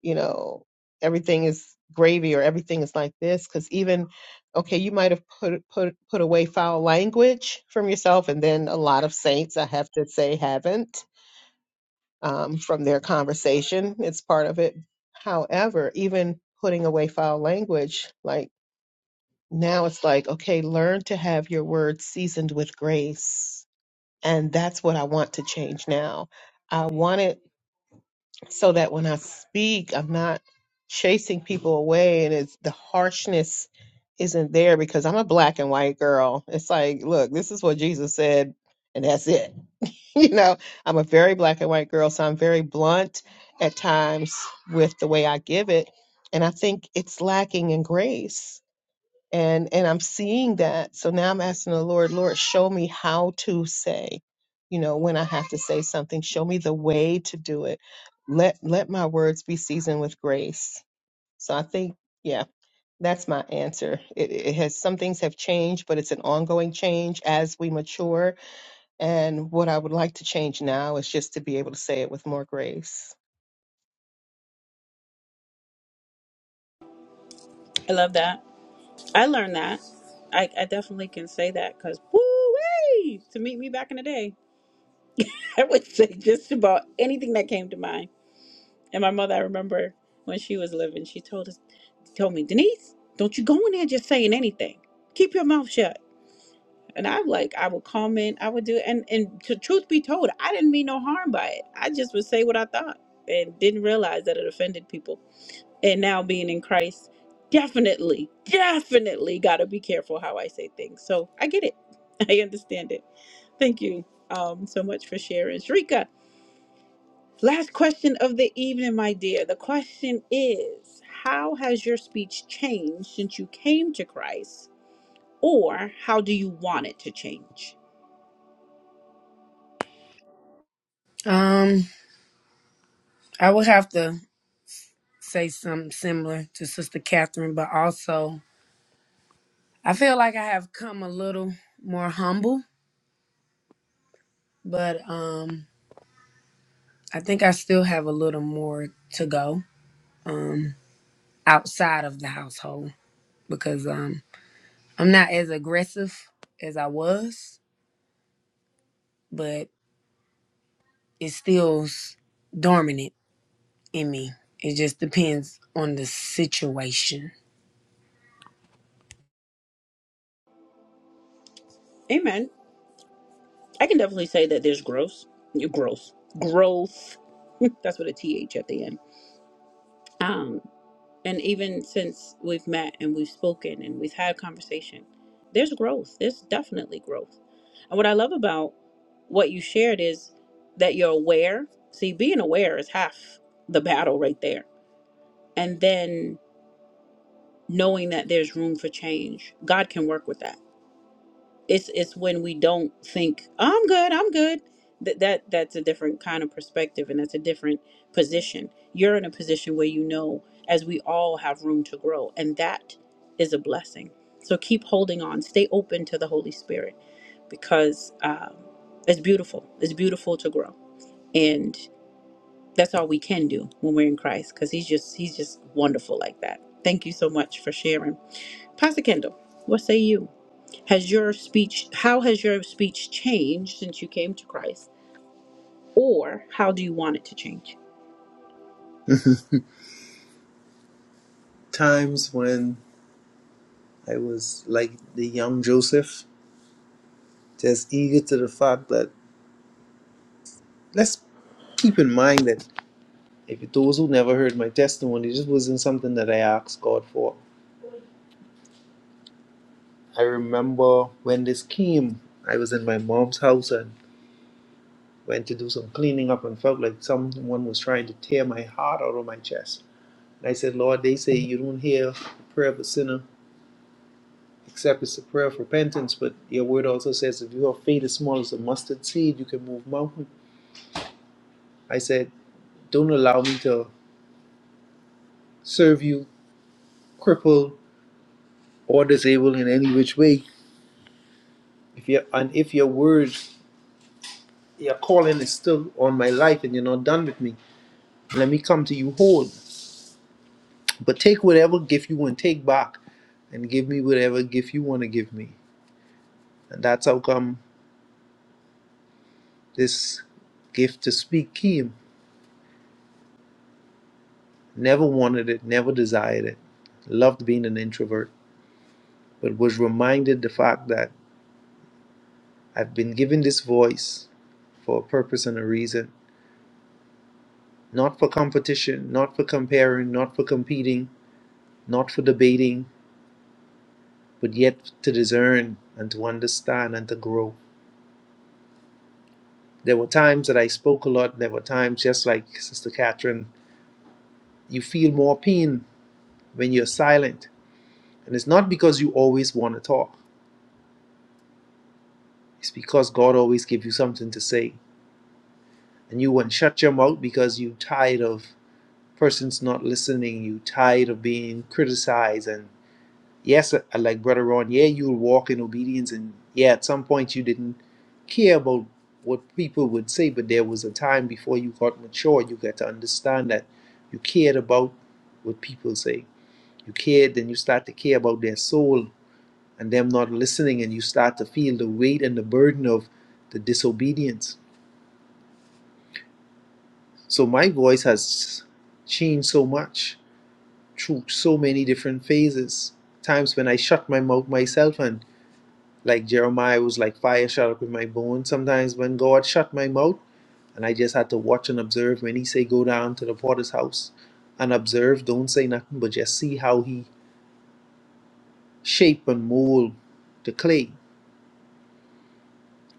you know, everything is gravy or everything is like this. Because even, okay, you might have put, put, put away foul language from yourself, and then a lot of saints, I have to say, haven't um, from their conversation. It's part of it. However, even putting away foul language, like now it's like, okay, learn to have your words seasoned with grace. And that's what I want to change now. I want it so that when I speak, I'm not chasing people away and it's the harshness isn't there because I'm a black and white girl. It's like, look, this is what Jesus said, and that's it [LAUGHS] you know, I'm a very black and white girl, so I'm very blunt at times with the way I give it. And I think it's lacking in grace. And and I'm seeing that. So now I'm asking the Lord, Lord, show me how to say, you know, when I have to say something, show me the way to do it. Let let my words be seasoned with grace. So I think, yeah, that's my answer. It, it has some things have changed, but it's an ongoing change as we mature and what I would like to change now is just to be able to say it with more grace. I love that. I learned that. I, I definitely can say that because, woo, to meet me back in the day, [LAUGHS] I would say just about anything that came to mind. And my mother, I remember when she was living, she told us, told me, Denise, don't you go in there just saying anything. Keep your mouth shut. And I'm like, I would comment, I would do, and and to truth be told, I didn't mean no harm by it. I just would say what I thought and didn't realize that it offended people. And now being in Christ, definitely, definitely got to be careful how I say things. So I get it, [LAUGHS] I understand it. Thank you um so much for sharing, Shrika. Last question of the evening, my dear. The question is How has your speech changed since you came to Christ, or how do you want it to change? Um, I would have to say something similar to Sister Catherine, but also I feel like I have come a little more humble, but um, I think I still have a little more to go um, outside of the household because um, I'm not as aggressive as I was, but it still's dormant in me. It just depends on the situation. Amen. I can definitely say that there's growth. Growth. Growth. [LAUGHS] That's what a TH at the end. Um, and even since we've met and we've spoken and we've had conversation there's growth there's definitely growth and what i love about what you shared is that you're aware see being aware is half the battle right there and then knowing that there's room for change god can work with that it's it's when we don't think i'm good i'm good that that that's a different kind of perspective and that's a different position you're in a position where you know as we all have room to grow and that is a blessing so keep holding on stay open to the holy spirit because um, it's beautiful it's beautiful to grow and that's all we can do when we're in christ because he's just he's just wonderful like that thank you so much for sharing pastor kendall what say you has your speech, how has your speech changed since you came to Christ? Or how do you want it to change? [LAUGHS] times when I was like the young Joseph, just eager to the fact that let's keep in mind that if those who never heard my testimony, this wasn't something that I asked God for. I remember when this came, I was in my mom's house and went to do some cleaning up and felt like someone was trying to tear my heart out of my chest. And I said, Lord, they say you don't hear the prayer of a sinner except it's a prayer of repentance, but your word also says if you have faith as small as a mustard seed, you can move mountains. I said, don't allow me to serve you cripple or disabled in any which way. If you and if your word, your calling is still on my life and you're not done with me, let me come to you whole. But take whatever gift you want to take back and give me whatever gift you want to give me. And that's how come this gift to speak came. Never wanted it, never desired it. Loved being an introvert, but was reminded the fact that I've been given this voice for a purpose and a reason. not for competition, not for comparing, not for competing, not for debating, but yet to discern and to understand and to grow. There were times that I spoke a lot. There were times, just like Sister Catherine, you feel more pain when you're silent. And it's not because you always want to talk, it's because God always gives you something to say. And you won't shut your mouth because you are tired of persons not listening, you are tired of being criticized and Yes, uh, like Brother Ron, yeah, you'll walk in obedience, and yeah, at some point you didn't care about what people would say, but there was a time before you got mature, you got to understand that you cared about what people say. You cared, then you start to care about their soul and them not listening, and you start to feel the weight and the burden of the disobedience. So my voice has changed so much through so many different phases. Times when I shut my mouth myself, and. Like Jeremiah was like, fire shut up in my bones. Sometimes when God shut my mouth, and I just had to watch and observe when he say, go down to the potter's house and observe, don't say nothing, but just see how he shape and mold the clay.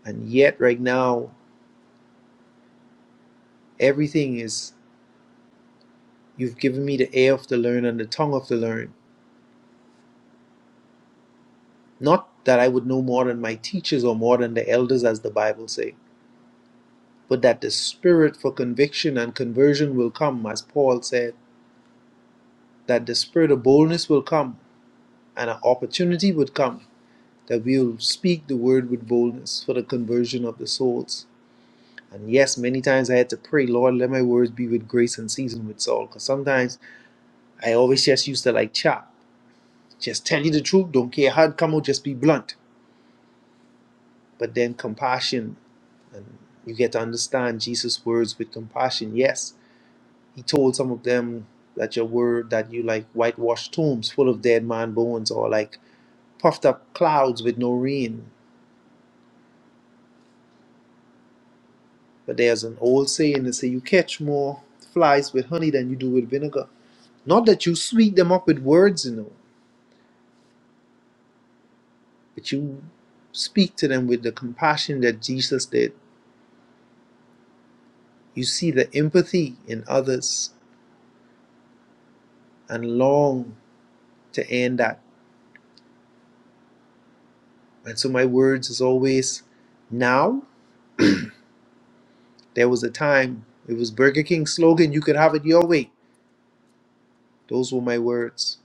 And yet right now, everything is, you've given me the ear of the learned and the tongue of the learned. Not that I would know more than my teachers or more than the elders, as the Bible say, but that the spirit for conviction and conversion will come, as Paul said, that the spirit of boldness will come and an opportunity would come that we will speak the word with boldness for the conversion of the souls. And yes, many times I had to pray, Lord, let my words be with grace and seasoned with salt. Because sometimes I always just used to like chop, just tell you the truth, don't care how it come out, just be blunt. But then compassion, and you get to understand Jesus' words with compassion. Yes, he told some of them that your word, that you like whitewashed tombs full of dead man bones or like puffed up clouds with no rain But there's an old saying that say you catch more flies with honey than you do with vinegar. Not that you sweet them up with words, you know, but you speak to them with the compassion that Jesus did. You see the empathy in others and long to end that. And so my words is always now there was a time. It was Burger King's slogan, you could have it your way. Those were my words.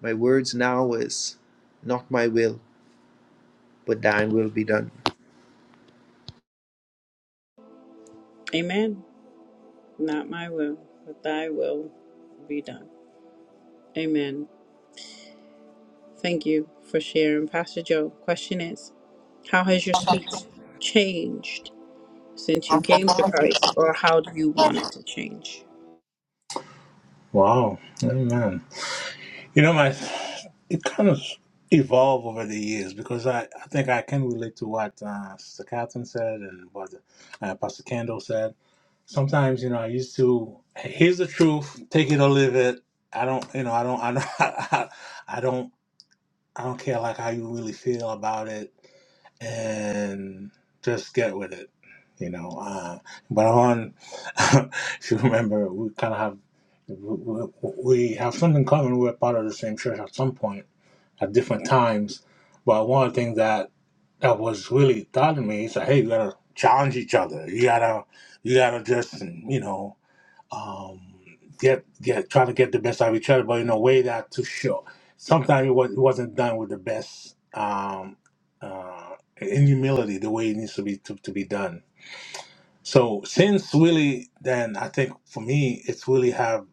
My words now is not my will, but thine will be done. Amen. Not my will, but thy will be done. Amen. Thank you for sharing. Pastor Joe, question is, how has your speech changed since you came to Christ? Or how do you want it to change? Wow, amen. You know, my it kind of evolved over the years because I, I think I can relate to what uh, Sister Catherine said and what uh, Pastor Kendall said. Sometimes, you know, I used to here's the truth, take it or leave it. I don't, you know, I don't, I don't, [LAUGHS] I, I don't. I don't care like how you really feel about it, and just get with it, you know. Uh, but on, [LAUGHS] if you remember, we kind of have we, we we have something in common. We're part of the same church at some point, at different times. But one of the things that that was really taught to me is that hey, you gotta challenge each other. You gotta you gotta just you know um, get get try to get the best out of each other, but in a way that to show. Sometimes it, was, it wasn't done with the best um, uh, in humility the way it needs to be to, to be done. So since really, then I think for me, it's really have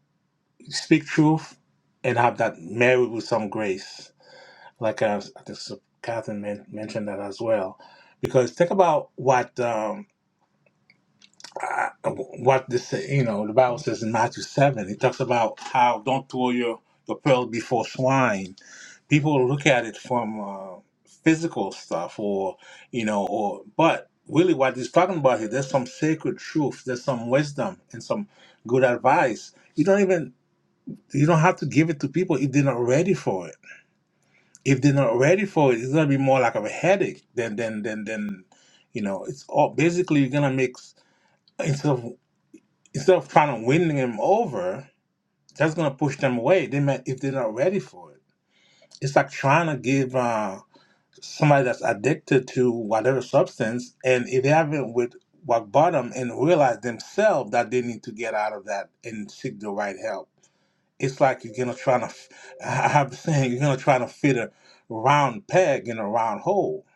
speak truth and have that married with some grace. Like uh, I think Catherine men- mentioned that as well, because think about what. Um, I, what this you know the Bible says in Matthew seven, it talks about how don't throw your your pearl before swine. People look at it from uh, physical stuff, or you know, or but really what he's talking about here, there's some sacred truth, there's some wisdom and some good advice. You don't even you don't have to give it to people if they're not ready for it. If they're not ready for it, it's gonna be more like of a headache than than than than you know. It's all basically you're gonna make instead instead of trying to win them over, that's gonna push them away. They might if they're not ready for it. It's like trying to give uh, somebody that's addicted to whatever substance, and if they haven't with rock bottom and realize themselves that they need to get out of that and seek the right help. It's like you're gonna try to. [LAUGHS] f- I have the saying you're gonna try to fit a round peg in a round hole.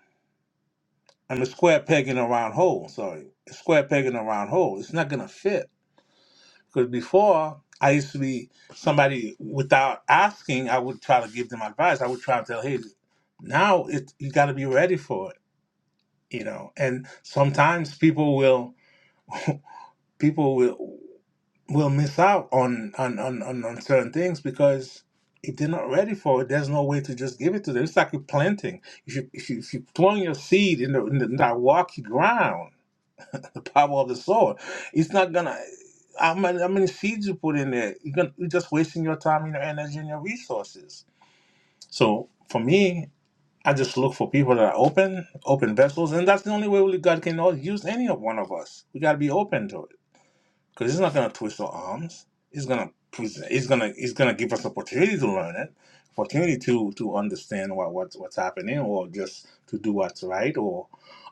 I'm a square peg in a round hole. Sorry, a square peg in a round hole. It's not gonna fit Because before, I used to be somebody without asking, I would try to give them advice. I would try to tell, hey, now it you got to be ready for it, you know. And sometimes people will people will will miss out on on on, on, on certain things because if they're not ready for it, there's no way to just give it to them. It's like you're planting. If you if you if you plant your seed in, the, in, the, in that rocky ground the power of the sword. It's not gonna. How many, how many seeds you put in there? You're gonna you're just wasting your time, and your energy, and your resources. So for me, I just look for people that are open, open vessels, and that's the only way really God can all- use any of one of us. We gotta be open to it because it's not gonna twist our arms. It's gonna present. It's gonna it's gonna give us opportunity to learn it, opportunity to to understand what what's what's happening, or just to do what's right, or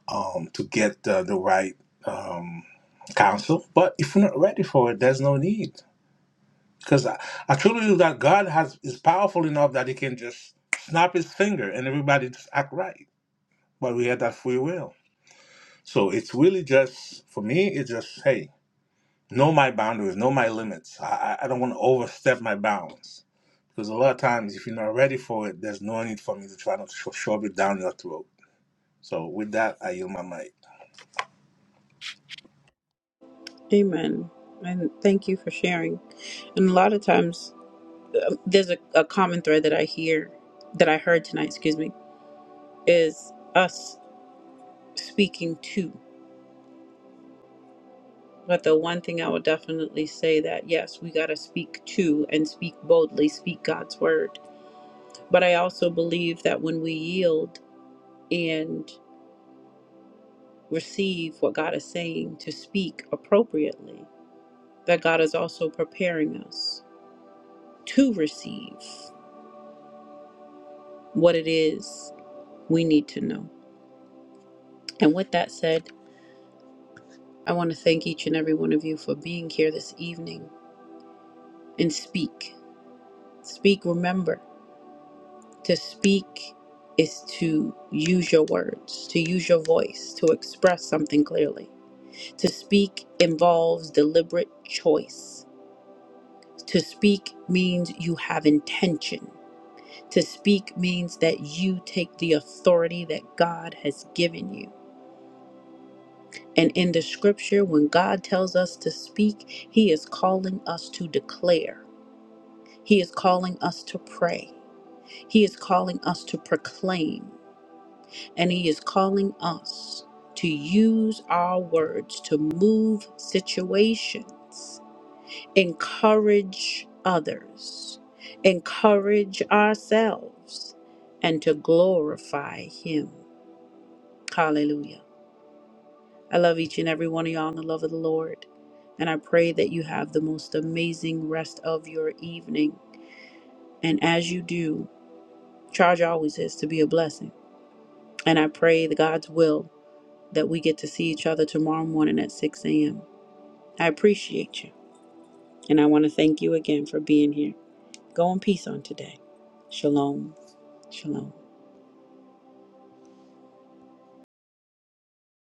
um, to get uh, the right um, counsel. But if we're not ready for it, there's no need. Because I, I truly believe that God has is powerful enough that He can just snap His finger and everybody just act right. But we have that free will. So it's really just for me. It's just hey, know my boundaries, know my limits. I, I I don't want to overstep my bounds because a lot of times, if you're not ready for it, there's no need for me to try to sh- shove it down your throat. So, with that, I yield my mic. Amen. And thank you for sharing. And a lot of times, uh, there's a, a common thread that I hear, that I heard tonight, excuse me, is us. speaking to. But the one thing I would definitely say that yes, we got to speak to and speak boldly, speak God's word. But I also believe that when we yield and receive what God is saying to speak appropriately, that God is also preparing us to receive what it is we need to know. And with that said, I want to thank each and every one of you for being here this evening and speak. Speak, remember. To speak is to use your words, to use your voice, to express something clearly. To speak involves deliberate choice. To speak means you have intention. To speak means that you take the authority that God has given you. And in the scripture, when God tells us to speak, He is calling us to declare, He is calling us to pray, He is calling us to proclaim. and He is calling us to use our words to move situations, encourage others, encourage ourselves, and to glorify Him. Hallelujah. I love each and every one of y'all in the love of the Lord. And I pray that you have the most amazing rest of your evening. And as you do, charge always is to be a blessing. And I pray that God's will that we get to see each other tomorrow morning at 6 a.m. I appreciate you. And I want to thank you again for being here. Go in peace on today. Shalom. Shalom.